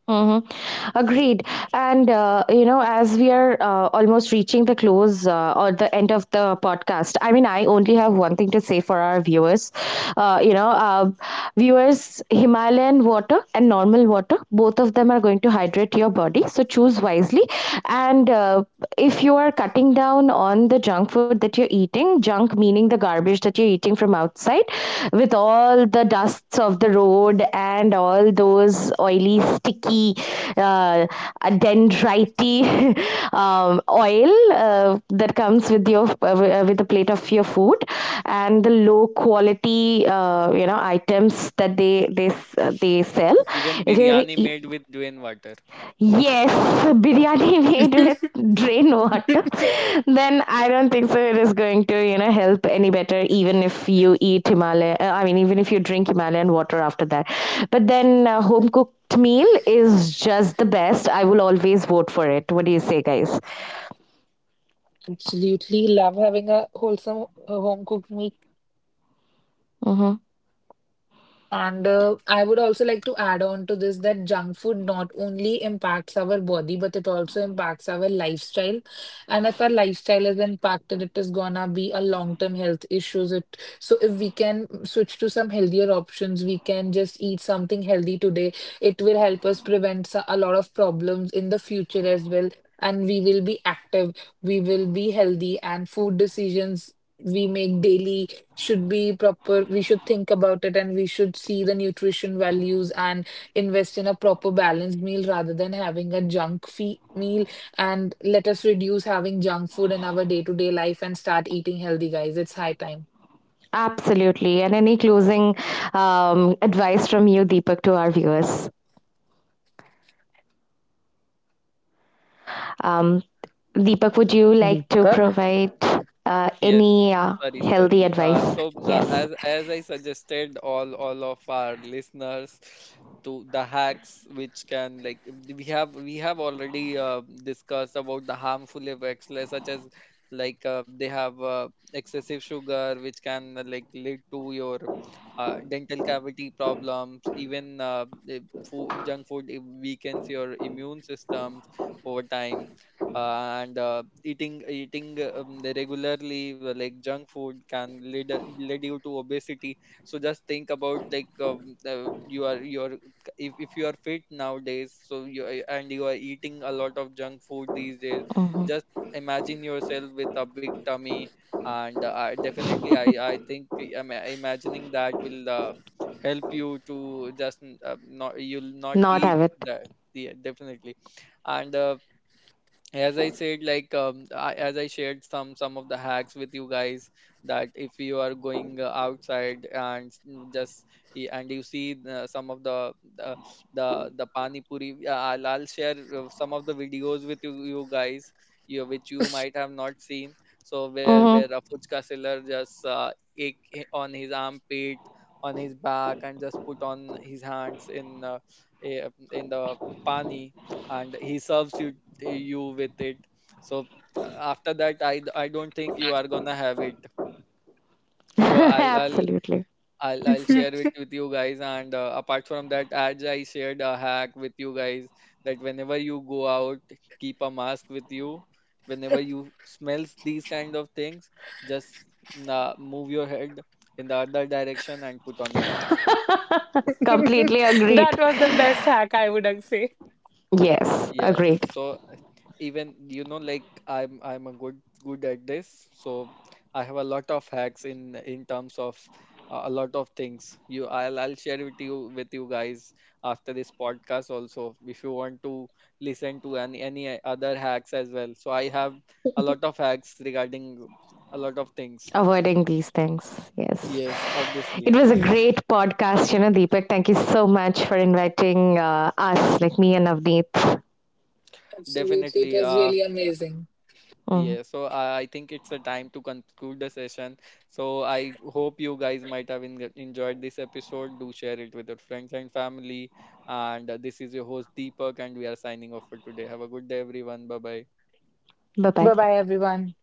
S3: Mm-hmm. Agreed. And, as we are almost reaching the close, or the end of the podcast, I mean, I only have one thing to say for our viewers. Uh, you know, uh, Viewers, Himalayan water and normal water, both of them are going to hydrate your body. So choose wisely. And if you are cutting down on the junk food that you're eating, junk junk, meaning the garbage that you're eating from outside, with all the dusts of the road and all those oily, sticky, uh, dendrity oil, that comes with a plate of your food, and the low quality items that they sell.
S1: it. Even
S3: If you're gonna
S1: biryani
S3: eat,
S1: made with plain water.
S3: yes, biryani made with drain water, then I don't think so it is going to, help any better, even if you eat Himalayan, I mean, even if you drink Himalayan water after that. But then home cooked meal is just the best. I will always vote for it. What do you say, guys?
S2: Absolutely love having a wholesome home cooked meal.
S3: Hmm.
S2: And I would also like to add on to this that junk food not only impacts our body, but it also impacts our lifestyle. And if our lifestyle is impacted, it is gonna be a long-term health issues. It so if we can switch to some healthier options, we can just eat something healthy today. It will help us prevent a lot of problems in the future as well. And we will be active, we will be healthy, and food decisions we make daily should be proper. We should think about it and we should see the nutrition values and invest in a proper balanced meal rather than having a meal. And let us reduce having junk food in our day-to-day life and start eating healthy, guys. It's high time,
S3: Absolutely. And any closing, advice from you, Deepak, to our viewers? Um, Deepak, would you like to
S2: Deepak.
S3: provide
S1: Yeah,
S3: any
S1: sorry,
S3: healthy
S1: sorry.
S3: advice?
S1: So
S3: Yes.
S1: as I suggested, all of our listeners to the hacks which, can like, we have already discussed about the harmful effects, like, such as, like they have excessive sugar, which can like lead to your dental cavity problems. Even junk food, it weakens your immune systems over time. And eating the regularly like junk food can lead you to obesity. So just think about, like you are if you are fit nowadays, so and you are eating a lot of junk food these days,
S3: Mhm.
S1: just imagine yourself with a big tummy. And definitely, I think imagining that will help you to just not, you'll not
S3: Not
S1: eat
S3: have it.
S1: the. Yeah, definitely. And as I said, like as I shared some of the hacks with you guys, that if you are going outside and you see some of the pani puri. I'll share some of the videos with you guys, which you might have not seen. So where
S3: Hmm.
S1: where a fuchka seller just on his armpit, on his back, and just put on his hands in in the pani, and he serves you with it. So uh, after that, I don't think you are gonna have it. So i'll i'll
S3: Absolutely.
S1: I'll, I'll share it with you guys. And apart from that, as I shared a hack with you guys, that whenever you go out, keep a mask with you. Whenever you smells these kind of things, just move your head in the other direction and put on your mask.
S3: Completely agreed.
S2: That was the best hack, I would say.
S3: Yes,
S1: Yes.
S3: agreed.
S1: So even, like I'm a good at this, so I have a lot of hacks in terms of a lot of things. You I'll share with you guys after this podcast also, if you want to listen to any other hacks as well. So I have a lot of hacks regarding a lot of things.
S3: Avoiding these things. Yes.
S1: Yes, obviously,
S3: It was a great podcast, Deepak. Thank you so much for inviting us, like me and Avneet.
S2: Absolutely. It
S1: definitely.
S2: was really amazing.
S3: Mm.
S1: Yeah, so I think it's a time to conclude the session. So I hope you guys might have enjoyed this episode. Do share it with your friends and family. And this is your host Deepak, and we are signing off for today. Have a good day, everyone. Bye bye.
S3: Bye
S2: Bye
S3: bye.
S2: bye, everyone.